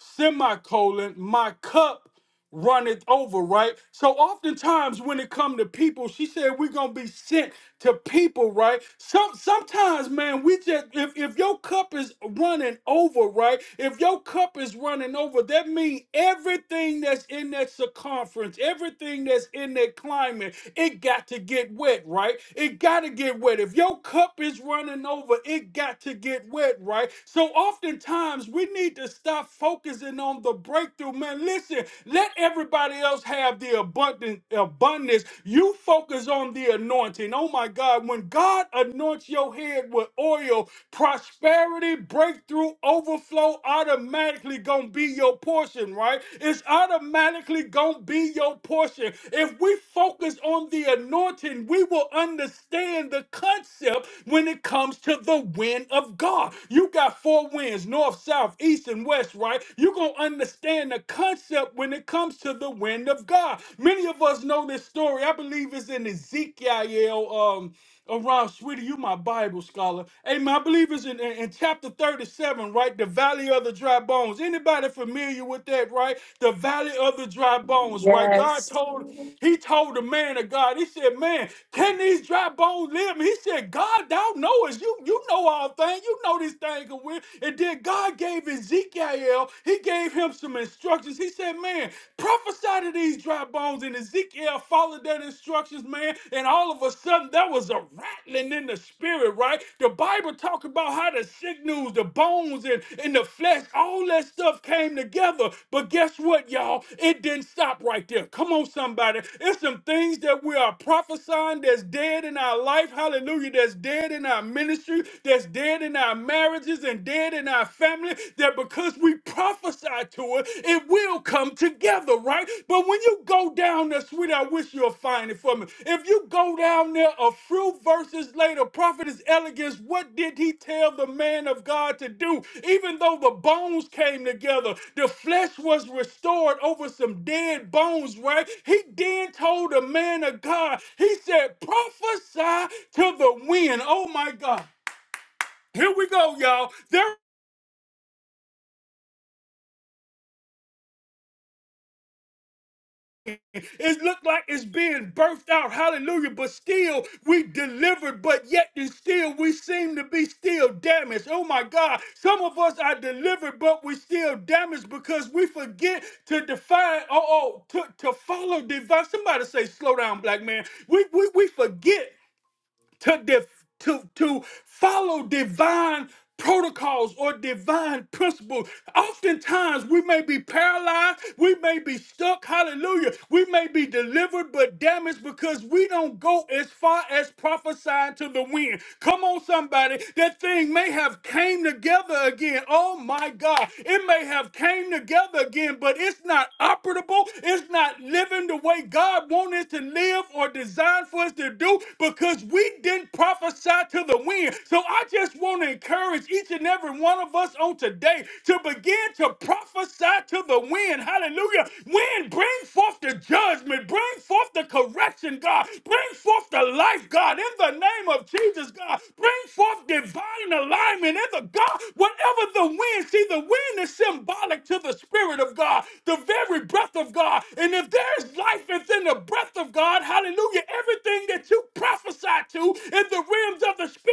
Speaker 2: semicolon, my cup run it over, right? So oftentimes when it come to people, she said we're gonna be sent to people, right? Some sometimes, man, we just if, if your cup is running over, right? If your cup is running over, that means everything that's in that circumference, everything that's in that climate, it got to get wet, right? It gotta get wet. If your cup is running over, it got to get wet, right? So oftentimes we need to stop focusing on the breakthrough breakthrough, man. Listen, let everybody else have the abundant abundance. You focus on the anointing. Oh my God, when God anoints your head with oil, prosperity, breakthrough, overflow automatically gonna be your portion, right? It's automatically gonna be your portion. If we focus on the anointing, we will understand the concept when it comes to the wind of God. You got four winds north, south, east, and west this right, you're going to understand the concept when it comes to the wind of God. Many of us know this story. I believe it's in Ezekiel. Um, around, sweetie, you my Bible scholar. Amen. I believe it's in, in, in chapter 37, right? The Valley of the Dry Bones. Anybody familiar with that, right? The Valley of the Dry Bones, right? God told, he told the man of God, he said, man, can these dry bones live? And he said, God, thou knowest. You, you know all things. You know these things can win. And then when God gave Ezekiel, he gave him some instructions. He said, Man, prophesy to these dry bones. And Ezekiel followed that instructions, man. And all of a sudden, there was a rattling in the spirit, right? The Bible talk about how the signals, the bones, and, and the flesh, all that stuff came together. But guess what, y'all? It didn't stop right there. Come on, somebody. It's some things that we are prophesying that's dead in our life. Hallelujah. That's dead in our ministry. That's dead in our marriages and dead in our family that because we prophesy to it, it will come together, right? But when you go down there, sweetie, I wish you'll find it for me. If you go down there a few verses later, prophetess elegance, what did he tell the man of God to do? Even though the bones came together, the flesh was restored over some dead bones, right? He then told the man of God, he said, prophesy to the wind. Oh my God. Here we go, y'all. There it looked like it's being birthed out. Hallelujah. But still we delivered, but yet and still we seem to be still damaged. Oh my God. Some of us are delivered, but we still damaged because we forget to define, oh, oh to, to follow divine. Somebody say slow down, black man. We we, we forget. to def- to to follow divine protocols or divine principles. Oftentimes we may be paralyzed, we may be stuck, hallelujah. We may be delivered but damaged because we don't go as far as prophesying to the wind. Come on somebody, that thing may have came together again. Oh my like God. It may have came together again, but it's not operable. It's not living the way God wants us to live or designed for us to do because we didn't prophesy to the wind. So I just want to encourage each and every one of us on today to begin to prophesy to the wind. Hallelujah. Wind, bring forth the judgment judgment. Bring forth the correction, God. Bring forth the life, God, in the name of Jesus, God. Bring forth divine alignment in the God. Whatever the wind, see, the wind is symbolic to the Spirit of God, the very breath of God. And if there's life within the breath of God, hallelujah, everything that you prophesy to in the realms of the Spirit.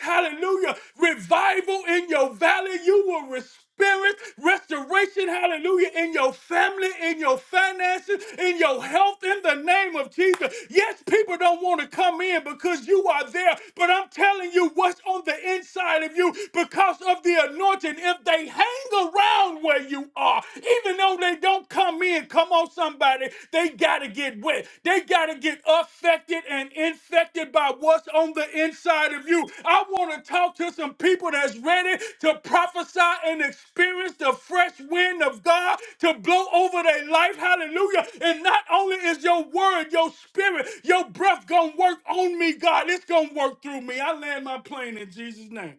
Speaker 2: Hallelujah. Revival in your valley. You will re- experience restoration. Hallelujah. In your family, in your finances, in your health, in the name of Jesus. Yes, people don't want to come in because you are there, but I'm telling you what's on the inside of you because of the anointing. If they hang around where you are, even though they don't come in, come on, somebody somebody. They got to get wet. They got to get affected and infected by what's on the inside of you. I want to talk to some people that's ready to prophesy and experience the fresh wind of God to blow over their life. Hallelujah. And not only is your word, your spirit, your breath going to work on me, God, it's going to work through me. I land my plane in Jesus' name.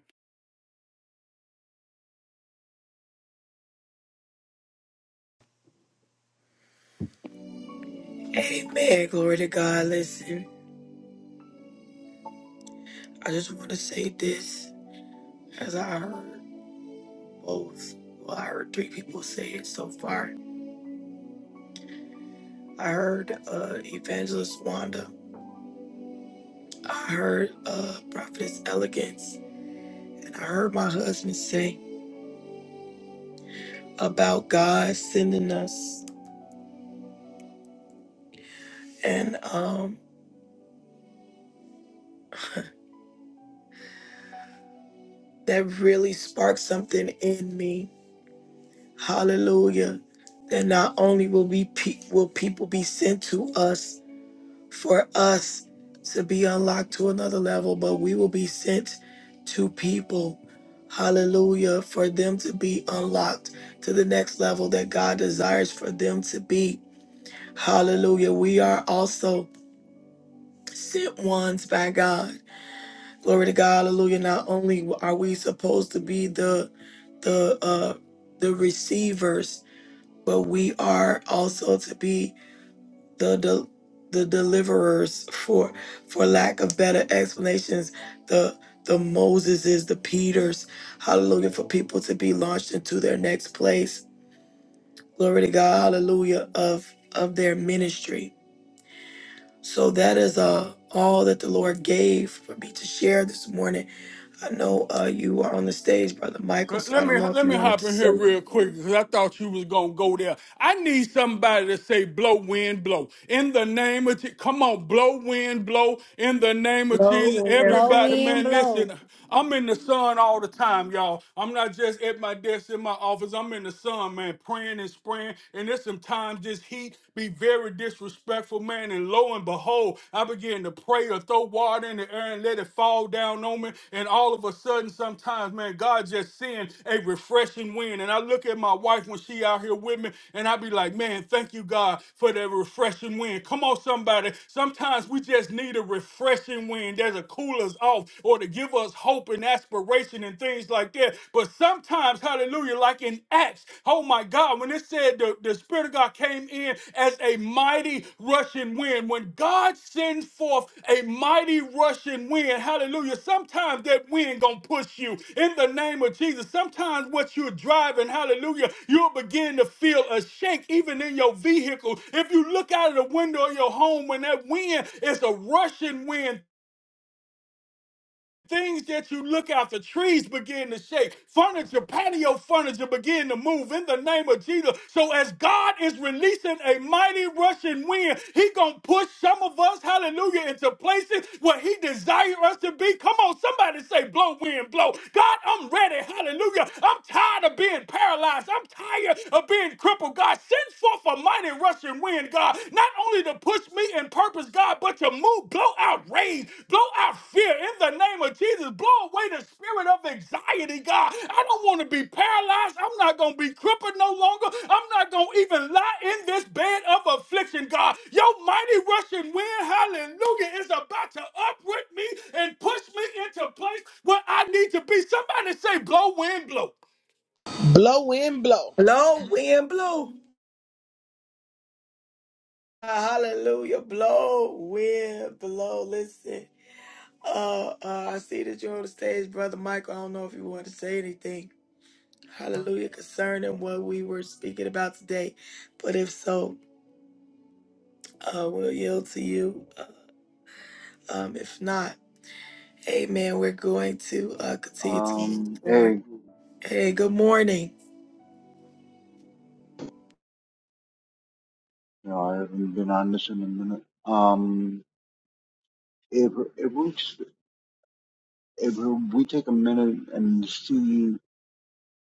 Speaker 1: Amen. Glory to God. Listen, I just want to say this as I heard both. Well, I heard three people say it so far. I heard uh, Evangelist Wanda. I heard uh, Prophetess Elegance I heard my husband say about God sending us, and um, that really sparked something in me. Hallelujah! That not only will we pe- will people be sent to us for us to be unlocked to another level, but we will be sent to people. Hallelujah! For them to be unlocked to the next level that God desires for them to be. Hallelujah! We are also sent ones by God. Glory to God, hallelujah. Not only are we supposed to be the the uh the receivers, but we are also to be the the, the deliverers for for lack of better explanations, the the Moseses, the Peters, hallelujah, for people to be launched into their next place. Glory to God, hallelujah, of of their ministry. So that is uh, all that the Lord gave for me to share this morning. I know uh, you are on the stage, Brother Michael,
Speaker 2: Let
Speaker 1: so I
Speaker 2: let me
Speaker 1: don't know if
Speaker 2: let
Speaker 1: you
Speaker 2: me
Speaker 1: wanted to
Speaker 2: hop in
Speaker 1: say
Speaker 2: here real quick because I thought you was gonna go there. I need somebody to say blow wind blow in the name of Je- come on blow wind blow in the name of
Speaker 1: blow
Speaker 2: Jesus.
Speaker 1: wind,
Speaker 4: Blow
Speaker 2: Everybody,
Speaker 4: wind,
Speaker 2: man, listen.
Speaker 4: blow.
Speaker 2: I'm in the sun all the time, y'all. I'm not just at my desk in my office. I'm in the sun, man, praying and spraying. And there's some times this heat be very disrespectful, man. And lo and behold, I began to pray or throw water in the air and let it fall down on me. And all of a sudden, sometimes, man, God just sends a refreshing wind. And I look at my wife when she out here with me, and I be like, man, thank you, God, for that refreshing wind. Come on, somebody. Sometimes we just need a refreshing wind that's a cool us off or to give us hope and aspiration and things like that. But some Sometimes, hallelujah, like in Acts, oh my God, when it said the, the Spirit of God came in as a mighty rushing wind, when God sends forth a mighty rushing wind, hallelujah, sometimes that wind gonna push you in the name of Jesus. Sometimes what you're driving, hallelujah, you'll begin to feel a shake even in your vehicle. If you look out of the window of your home when that wind is a rushing wind, Things that you look after, trees begin to shake, furniture, patio furniture begin to move in the name of Jesus. So as God is releasing a mighty rushing wind, He gonna push some of us, hallelujah, into places where He desires us to be. Come on, somebody say, blow wind, blow. God, I'm ready, hallelujah. I'm tired of being paralyzed. I'm tired of being crippled. God, send forth a mighty rushing wind, God. Not only to push me in purpose, God, but to move, blow out rage, blow out fear in the name of Jesus. Blow away the spirit of anxiety, God. I don't want to be paralyzed. I'm not going to be crippled no longer. I'm not going to even lie in this bed of affliction, God. Your mighty rushing wind, hallelujah, is about to uproot me and push me into place where I need to be. Somebody say, blow, wind, blow.
Speaker 3: Blow in, blow.
Speaker 1: blow wind, blow. Ah, Hallelujah, blow wind, blow. Listen, uh, uh, I see that you're on the stage, Brother Michael. I don't know if you want to say anything. Hallelujah, concerning what we were speaking about today. But if so, uh, we'll yield to you. Uh, um, if not, Amen. We're going to uh, continue to move
Speaker 6: Um,
Speaker 1: forward.
Speaker 6: hey,
Speaker 1: Hey, good morning.
Speaker 6: no, I haven't been on this in a minute. Um, if if we s- if we take a minute and see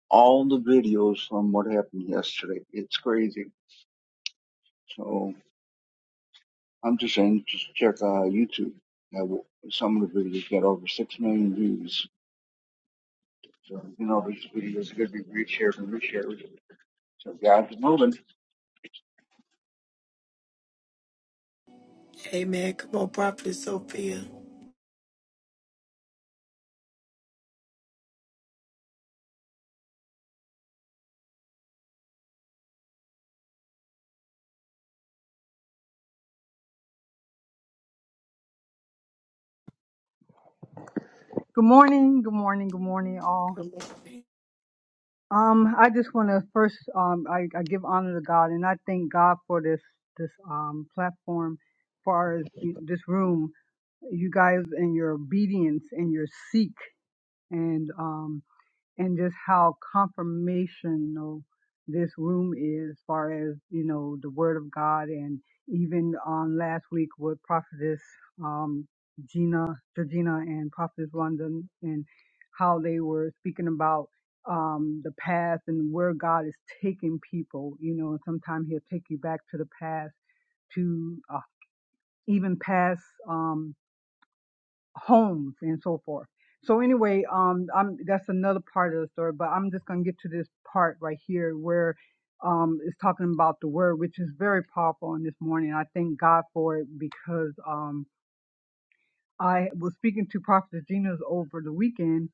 Speaker 6: all the videos from what happened yesterday, it's crazy. So I'm just saying, just check uh, YouTube. Now, w- some of the videos got over six million views. So you know, these videos are gonna be reshared and reshared. So God's moving.
Speaker 1: Amen. Come on, Prophet Sophia.
Speaker 7: Good morning, good morning, good morning, all.
Speaker 1: Good morning.
Speaker 7: Um, I just want to first, um, I, I give honor to God, and I thank God for this this um platform, far as you- this room, you guys and your obedience and your seek, and um and just how confirmational this room is as far as you know the word of god and even on last week with prophetess um gina georgina and prophetess london and how they were speaking about um the past and where god is taking people you know and sometimes he'll take you back to the past to uh, even past um, homes and so forth. So anyway, um, I'm that's another part of the story, but I'm just gonna get to this part right here where um it's talking about the word, which is very powerful on this morning. I thank God for it because um I was speaking to Prophet Gina's over the weekend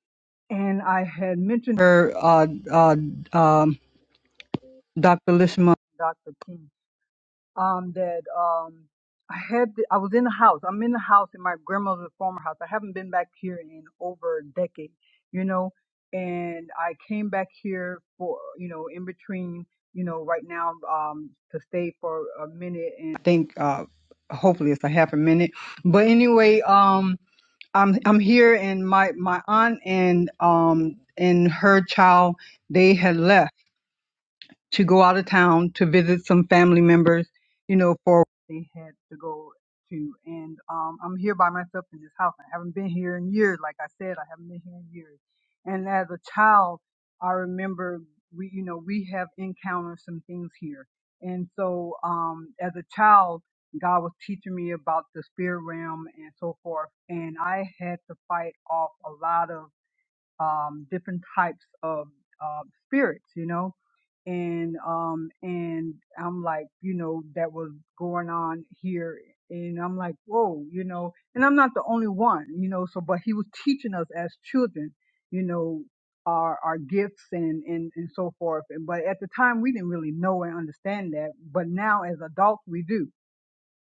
Speaker 7: and I had mentioned her uh uh um Dr. Lishma Dr. King. um that um I had I was in the house. I'm in the house in my grandmother's former house. I haven't been back here in over a decade, you know. And I came back here for you know in between, you know, right now um to stay for a minute and I think uh hopefully it's a half a minute. But anyway, um I'm I'm here and my my aunt and um and her child they had left to go out of town to visit some family members, you know, for they had to go to. And um, I'm here by myself in this house. I haven't been here in years. Like I said, I haven't been here in years. And as a child, I remember we, you know, we have encountered some things here. And so um, as a child, God was teaching me about the spirit realm and so forth. And I had to fight off a lot of um, different types of uh, spirits, you know, and um, and I'm like, you know, that was going on here, and I'm like, whoa, you know, and I'm not the only one, you know, so but he was teaching us as children, you know, our our gifts and and and so forth, and but at the time we didn't really know and understand that, but now as adults we do.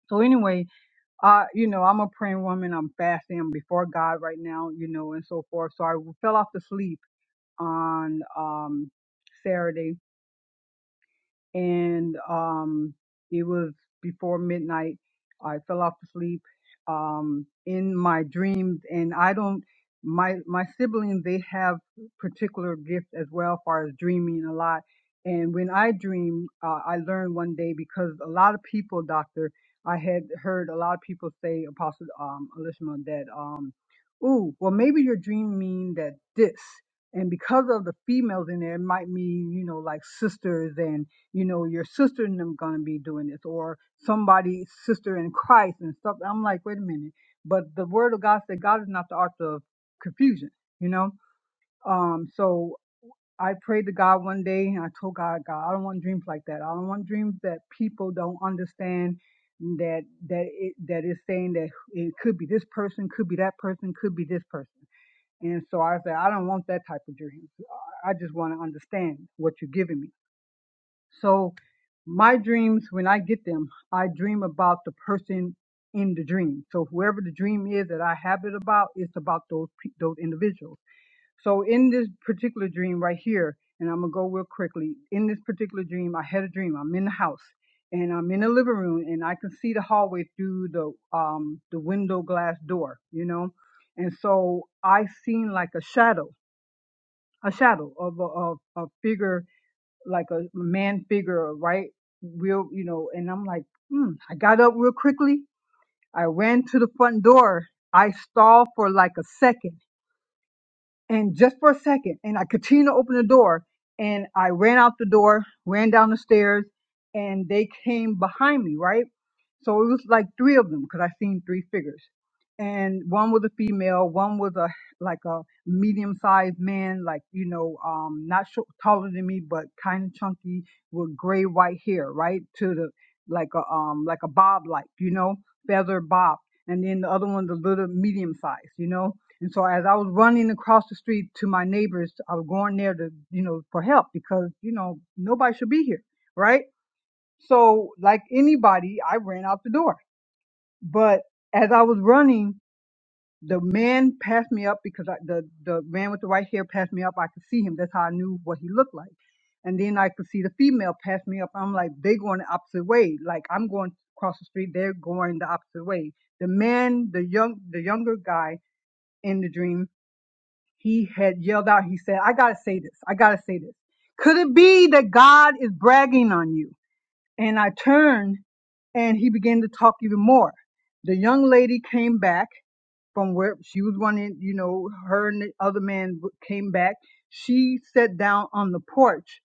Speaker 7: So anyway, uh, you know, I'm a praying woman. I'm fasting. I'm before God right now, you know, and so forth. So I fell off the sleep on um, Saturday and um, it was before midnight. I fell off to sleep um, in my dreams, and I don't. My my siblings they have particular gifts as well, far as dreaming a lot. And when I dream, uh, I learned one day because a lot of people, doctor, I had heard a lot of people say, Apostle um, Elishma, that um, ooh, well maybe your dream mean that this, and because of the females in there, it might mean you know like sisters you know, your sister and them gonna be doing this, or somebody's sister in Christ and stuff. I'm like, wait a minute. But the word of God said God is not the author of confusion, you know? Um, so I prayed to God one day and I told God, God, I don't want dreams like that. I don't want dreams that people don't understand that that it that is saying that it could be this person, could be that person, could be this person. And so I said, I don't want that type of dream. I I just want to understand what you're giving me. So my dreams, when I get them, I dream about the person in the dream. So whoever the dream is that I have it about, it's about those pe- those individuals. So in this particular dream right here, and I'm gonna go real quickly. In this particular dream, I had a dream. I'm in the house and I'm in the living room, and I can see the hallway through the um the window glass door, you know. And so I seen like a shadow, a shadow of a, of a figure like a man figure, right? Real, you know, and I'm like, hmm. I got up real quickly. I ran to the front door. I stalled for like a second and just for a second, and I continued to open the door, and I ran out the door, ran down the stairs, and they came behind me, right? So it was like three of them because I seen three figures, and one was a female, one was a like a medium sized man, like you know, um, not short, taller than me, but kind of chunky with gray white hair, right to the like a um like a bob like you know feather bob, and then the other one was a little medium sized, you know and so as I was running across the street to my neighbors, I was going there to, you know, for help because, you know, nobody should be here, right? So like anybody, I ran out the door. But as I was running, the man passed me up because I, the, the man with the white hair passed me up. I could see him. That's how I knew what he looked like. And then I could see the female pass me up. I'm like, they going the opposite way. Like I'm going across the street. They're going the opposite way. The man, the young, the younger guy in the dream he had yelled out, he said, I gotta say this. I gotta say this. Could it be that God is bragging on you? And I turned and he began to talk even more. The young lady came back from where she was running, you know, her and the other man came back. She sat down on the porch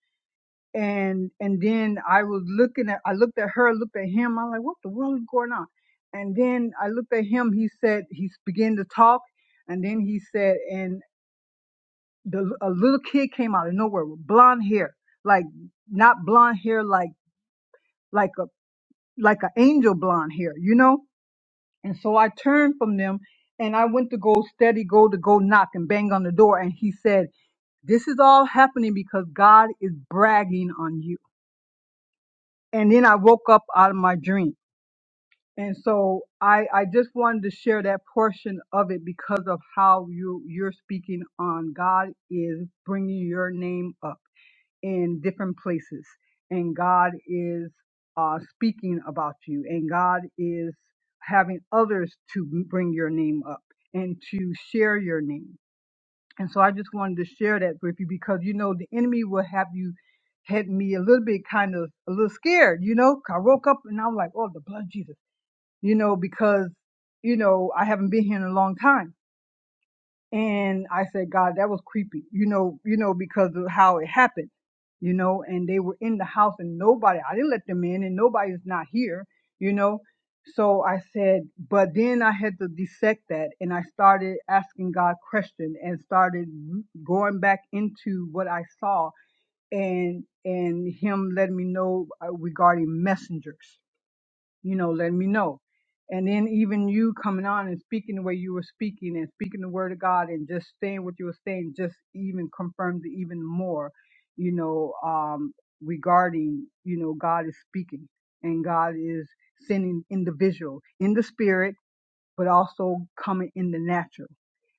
Speaker 7: and and then I was looking at I looked at her, looked at him, I'm like, what the world is going on? And then I looked at him, he said he began to talk and then he said, and the a little kid came out of nowhere with blonde hair, like not blonde hair, like like a like an angel blonde hair, you know. And so I turned from them, and I went to go steady, go to go knock and bang on the door, and he said, "This is all happening because God is bragging on you." And then I woke up out of my dream. And so I, I just wanted to share that portion of it because of how you you're speaking on God is bringing your name up. in different places and God is uh, speaking about you and God is having others to bring your name up and to share your name. And so I just wanted to share that with you because you know the enemy will have you had me a little bit kind of a little scared, you know. I woke up and I'm like, oh, the blood of Jesus, you know, because you know I haven't been here in a long time and I said, God, that was creepy, you know, you know, because of how it happened, you know, and they were in the house and nobody, I didn't let them in and nobody's not here, you know. So I said, but then I had to dissect that and I started asking God questions and started going back into what I saw and, and him letting me know uh, regarding messengers you know, let me know. And then even you coming on and speaking the way you were speaking and speaking the word of God and just saying what you were saying just even confirmed it even more, you know, um, regarding, you know, God is speaking and God is sending individual in the spirit but also coming in the natural.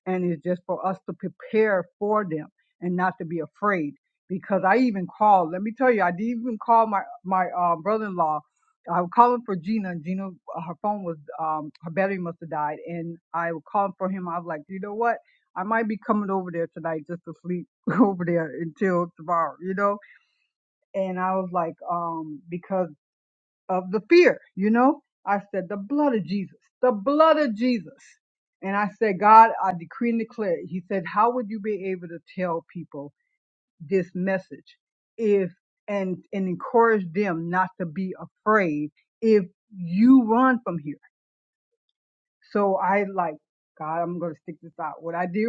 Speaker 7: And it's just for us to prepare for them and not to be afraid. Because I even called, let me tell you, I did even call my, my uh, brother-in-law. I was calling for Gina and Gina, uh, her phone was, um, her battery must have died. And I was calling for him. I was like, you know what? I might be coming over there tonight just to sleep over there until tomorrow, you know? And I was like, um, because of the fear, you know? I said, the blood of Jesus, the blood of Jesus. And I said, God, I decree and declare. He said, how would you be able to tell people this message if, and, and encourage them not to be afraid if you run from here? So I like, God, I'm going to stick this out. What I did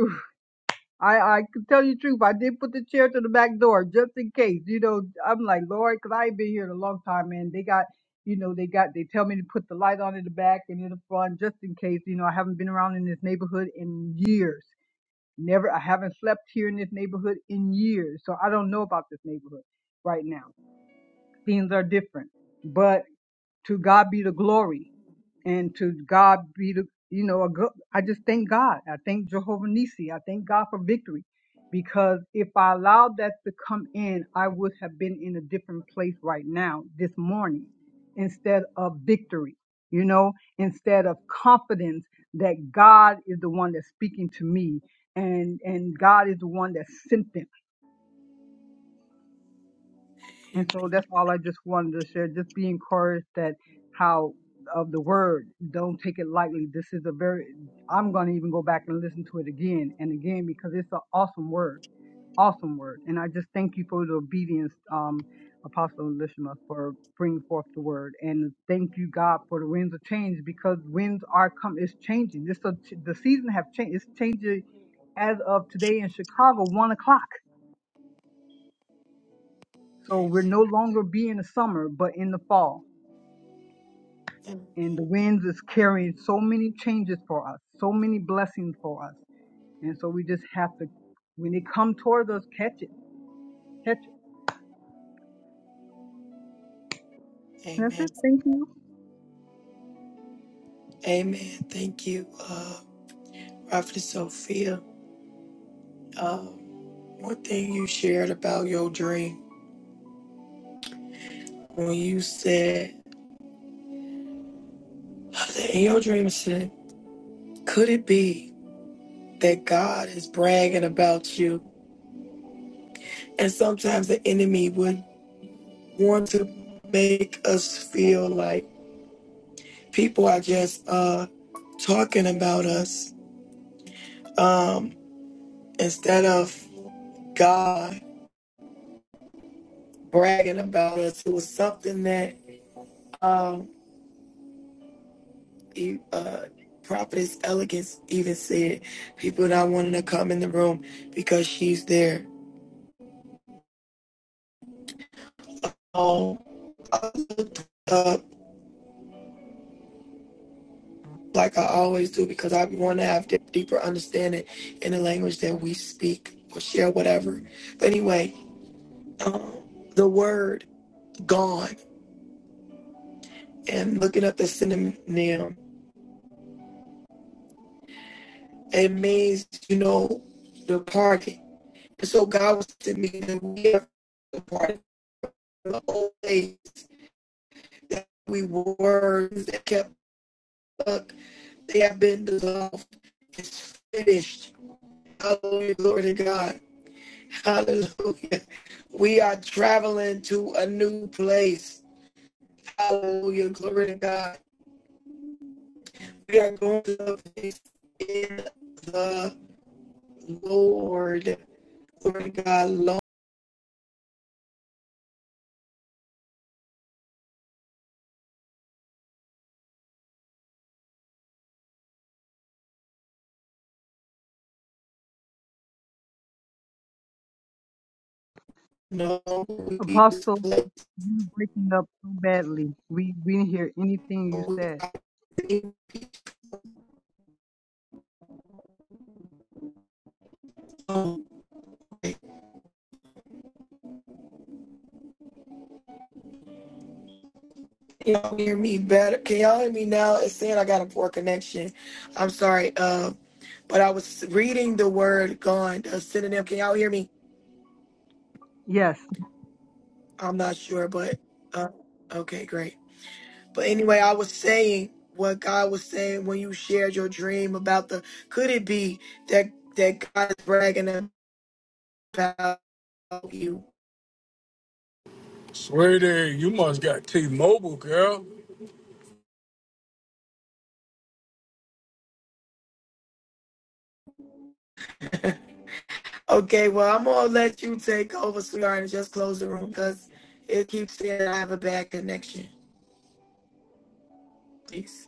Speaker 7: I, I can tell you the truth. I did put the chair to the back door just in case. You know, I'm like, Lord, 'cause I ain't been here in a long time, man. They got, you know, they got, they tell me to put the light on in the back and in the front just in case. You know, I haven't been around in this neighborhood in years. Never, I haven't slept here in this neighborhood in years. So I don't know about this neighborhood right now. Things are different. But to God be the glory and to God be the you know a good. I just thank God. I thank Jehovah Nissi. I thank God for victory, because if I allowed that to come in, I would have been in a different place right now this morning, instead of victory. You know, instead of confidence that God is the one that's speaking to me, and and God is the one that sent them and
Speaker 1: Amen.
Speaker 7: so that's all I just wanted to share. Just be encouraged that how of the word, don't take it lightly. This is a very, I'm going to even go back and listen to it again and again because it's an awesome word, awesome word. And I just thank you for the obedience, um, Apostle Elishma, for bringing forth the word. And thank you, God, for the winds of change because winds are come. It's changing. This a, the season have changed. It's changing as of today in Chicago, one o'clock. So we're no longer be in the summer, but in the fall and the winds is carrying so many changes for us, so many blessings for us. And so we just have to, when they come toward us, catch it, catch it. And that's
Speaker 1: Amen.
Speaker 7: it. Thank you,
Speaker 1: Amen. Thank you, uh, Prophet Sophia. Uh, one thing you shared about your dream when you said, in your dream, you said, could it be that God is bragging about you? And sometimes the enemy would want to make us feel like, people are just uh talking about us um instead of god bragging about us it was something that um you uh prophetess elegance even said people not wanting to come in the room because she's there um I look like i always do because i want to have deep, deeper understanding in the language that we speak or share whatever but anyway um the word gone and looking up the synonym, it means, you know, departed. And so God was to me that we are the party. from the old days that we were, that kept up, they have been dissolved. It's finished. Hallelujah, glory to God. Hallelujah. We are traveling to a new place. Hallelujah, glory to God. We are going to a place in the Lord. Lord God, Lord, no, we
Speaker 7: Apostle.
Speaker 1: display,
Speaker 7: You breaking up so badly. We we didn't hear anything you
Speaker 1: Lord,
Speaker 7: said.
Speaker 1: we are Y'all hear me better? Can y'all hear me now? It's saying I got a poor connection. I'm sorry. Uh, but I was reading the word gone, a synonym. Can y'all hear me?
Speaker 7: Yes.
Speaker 1: I'm not sure, but uh, okay, great. But anyway, I was saying what God was saying when you shared your dream about the. Could it be that that God is bragging about you?
Speaker 2: Sweetie, you must got T-Mobile, girl.
Speaker 1: Okay, well, I'm gonna let you take over, sweetheart, and just close the room because it keeps saying I have a bad connection. Please.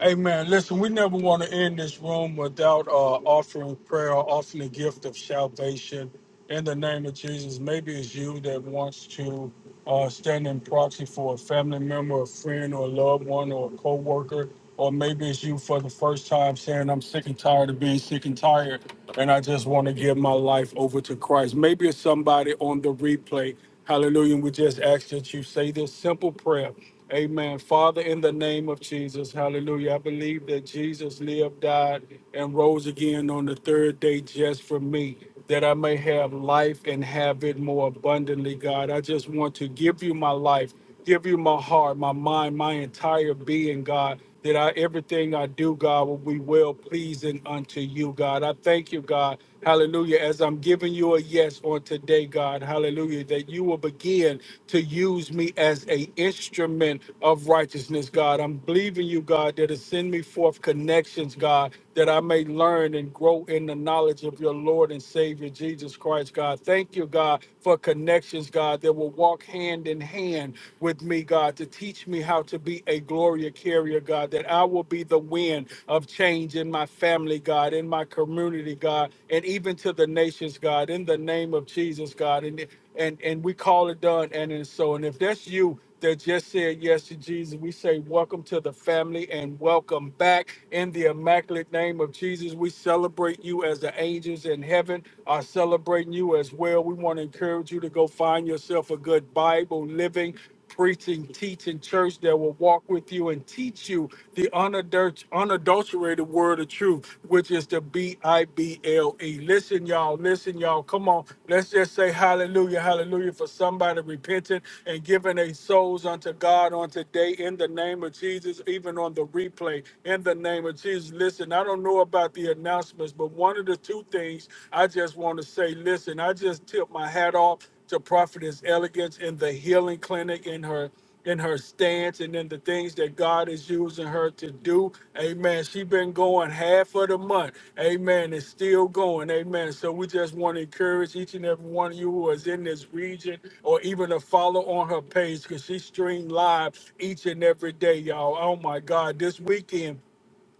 Speaker 2: Hey man, listen, we never want to end this room without uh, offering prayer, offering the gift of salvation in the name of Jesus. Maybe it's you that wants to uh, stand in proxy for a family member, a friend, or a loved one, or a coworker, or maybe it's you for the first time saying, "I'm sick and tired of being sick and tired, and I just want to give my life over to Christ." Maybe it's somebody on the replay. Hallelujah. And we just ask that you say this simple prayer. Amen. Father, in the name of Jesus, hallelujah. I believe that Jesus lived, died, and rose again on the third day just for me, that I may have life and have it more abundantly, God. I just want to give you my life, give you my heart, my mind, my entire being, God that I, everything I do, God, will be well pleasing unto you, God. I thank you, God. Hallelujah. As I'm giving you a yes on today, God, hallelujah, that you will begin to use me as a instrument of righteousness, God. I'm believing you, God, that it send me forth connections, God, that I may learn and grow in the knowledge of your Lord and Savior Jesus Christ, God. Thank you, God, for connections, God, that will walk hand in hand with me, God, to teach me how to be a Gloria carrier, God, that I will be the wind of change in my family, God, in my community, God, and even to the nations, God, in the name of Jesus, God. And and and we call it done, and it's so. And if that's you that just said yes to Jesus, we say welcome to the family and welcome back in the immaculate name of Jesus. We celebrate you as the angels in heaven are celebrating you as well. We want to encourage you to go find yourself a good Bible living preaching, teaching church that will walk with you and teach you the unadul- unadulterated word of truth, which is the B I B L E. Listen, y'all. Listen, y'all. Come on. Let's just say hallelujah, hallelujah for somebody repenting and giving their souls unto God on today in the name of Jesus, even on the replay in the name of Jesus. Listen, I don't know about the announcements, but one of the two things I just want to say, listen, I just tip my hat off to prophetess elegance in the healing clinic in her in her stance and in the things that God is using her to do. Amen. She been going half of the month. Amen. It's still going. Amen. So we just want to encourage each and every one of you who is in this region or even to follow on her page because she stream live each and every day, y'all. Oh my God. This weekend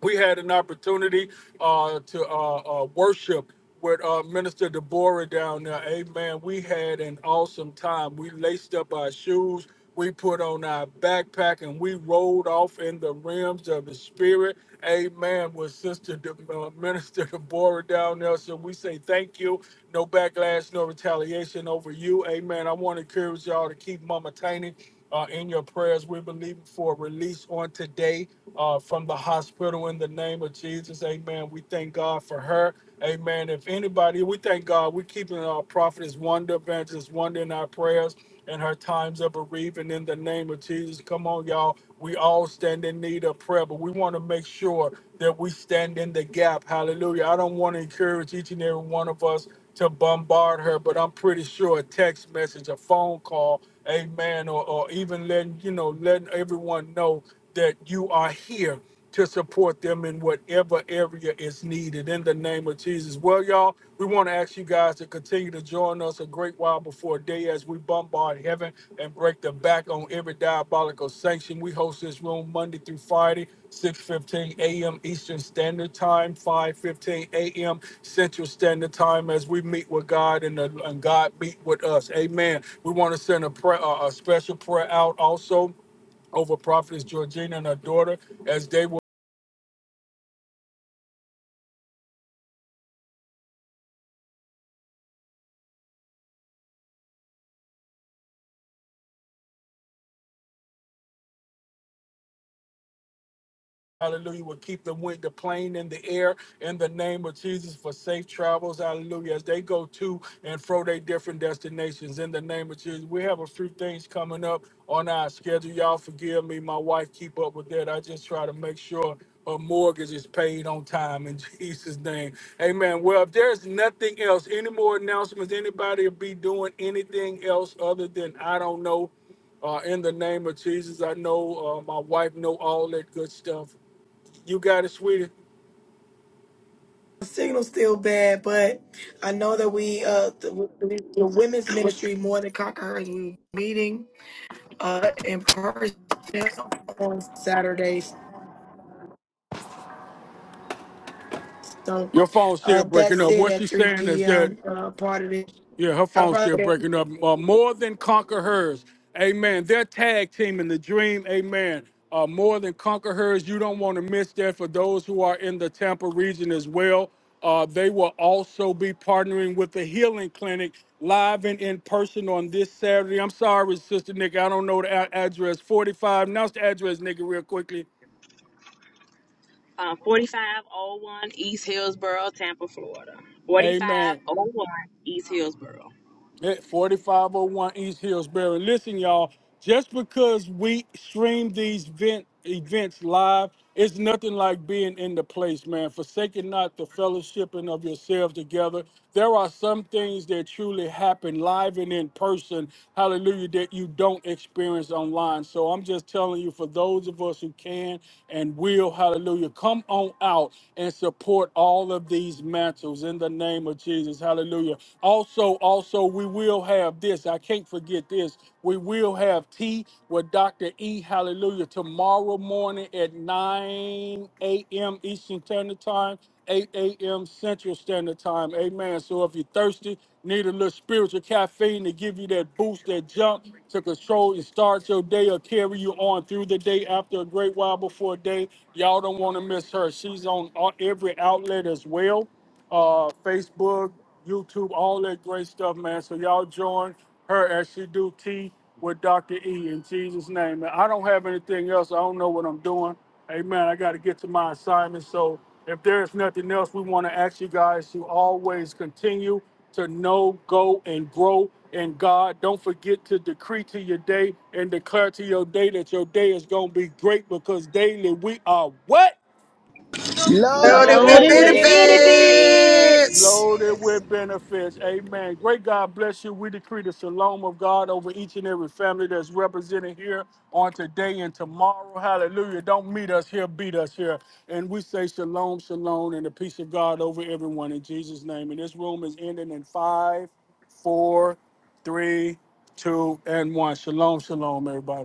Speaker 2: we had an opportunity uh, to uh, uh, worship with uh, Minister Deborah down there. Amen. We had an awesome time. We laced up our shoes, we put on our backpack, and we rolled off in the realms of the spirit. Amen. With Sister De- uh, Minister Deborah down there. So we say thank you. No backlash, no retaliation over you. Amen. I want to encourage y'all to keep Mama Tiny uh, in your prayers. We're believing for a release on today uh, from the hospital in the name of Jesus. Amen. We thank God for her. Amen. If anybody, we thank God. We're keeping our prophetess Wonder, Evangelist Wonder in our prayers and her times of bereavement in the name of Jesus. Come on, y'all. We all stand in need of prayer, but we want to make sure that we stand in the gap. Hallelujah. I don't want to encourage each and every one of us to bombard her, but I'm pretty sure a text message, a phone call, amen, or, or even letting, you know, letting everyone know that you are here to support them in whatever area is needed in the name of Jesus. Well, y'all, we want to ask you guys to continue to join us a great while before day as we bombard heaven and break the back on every diabolical sanction. We host this room Monday through Friday, 6:15 a.m. Eastern Standard Time, 5:15 a.m. Central Standard Time, as we meet with God and, the, and God meet with us. Amen. We want to send a prayer, a a special prayer out also over Prophetess Georgina and her daughter as they will. Hallelujah. We'll keep them with the plane in the air in the name of Jesus for safe travels. Hallelujah. As they go to and fro their different destinations in the name of Jesus. We have a few things coming up on our schedule. Y'all forgive me. My wife keep up with that. I just try to make sure her mortgage is paid on time in Jesus' name. Amen. Well, if there's nothing else, any more announcements, anybody will be doing anything else other than I don't know. Uh, in the name of Jesus, I know uh, my wife know all that good stuff. You got it, sweetie.
Speaker 1: The signal's still bad, but I know that we, uh, the, the, the women's ministry more than conquerors, we meeting uh in person on Saturdays. So,
Speaker 2: Your phone's
Speaker 1: uh,
Speaker 2: still breaking
Speaker 1: that's
Speaker 2: up.
Speaker 1: it
Speaker 2: What
Speaker 1: at
Speaker 2: she's
Speaker 1: 3
Speaker 2: saying is that,
Speaker 1: p.m. Uh, part of it.
Speaker 2: yeah, her
Speaker 1: I
Speaker 2: phone's still
Speaker 1: probably
Speaker 2: breaking up. Uh, more than conquer hers. Amen. Their tag team in the dream. Amen. Uh, more than conquer hers. You don't want to miss that for those who are in the Tampa region as well. Uh, they will also be partnering with the Healing Clinic live and in person on this Saturday. I'm sorry, Sister Nick, I don't know the a- address. 45. Announce the address, Nikki, real quickly.
Speaker 5: Uh, 4501 East Hillsboro, Tampa, Florida.
Speaker 2: Amen.
Speaker 5: 4501 East Hillsboro.
Speaker 2: at 4501 East Hillsbury. Listen, y'all, just because we stream these event, events live, it's nothing like being in the place, man. Forsaking not the fellowshipping of yourselves together. There are some things that truly happen live and in person, hallelujah, that you don't experience online. So I'm just telling you, for those of us who can and will, hallelujah, come on out and support all of these mantles in the name of Jesus. Hallelujah. Also, also, we will have this. I can't forget this. We will have tea with Dr. E. Hallelujah tomorrow morning at 9 a.m. Eastern Standard Time, 8 a.m. Central Standard Time. Amen. So if you're thirsty, need a little spiritual caffeine to give you that boost, that jump to control and start your day or carry you on through the day after a great while before day. Y'all don't want to miss her. She's on on every outlet as well uh, Facebook, YouTube, all that great stuff, man. So y'all join her as she do tea with Dr. E in Jesus' name. And I don't have anything else. I don't know what I'm doing. Amen. I got to get to my assignment. So if there is nothing else, we want to ask you guys to always continue to know, go, and grow in God. Don't forget to decree to your day and declare to your day that your day is going to be great because daily we are what?
Speaker 8: Loaded
Speaker 3: Loaded
Speaker 1: loaded
Speaker 8: with
Speaker 4: Loaded
Speaker 3: with
Speaker 4: with
Speaker 5: Loaded
Speaker 1: with.
Speaker 5: with
Speaker 3: benefits.
Speaker 5: benefits.
Speaker 4: benefits.
Speaker 8: benefits.
Speaker 2: Loaded with benefits. Amen. Great God bless you. We decree the shalom of God over each and every family that's represented here on today and tomorrow. Hallelujah. Don't meet us here, beat us here. And we say shalom, shalom, and the peace of God over everyone in Jesus' name. And this room is ending in five, four, three, two, and one. Shalom, shalom, everybody.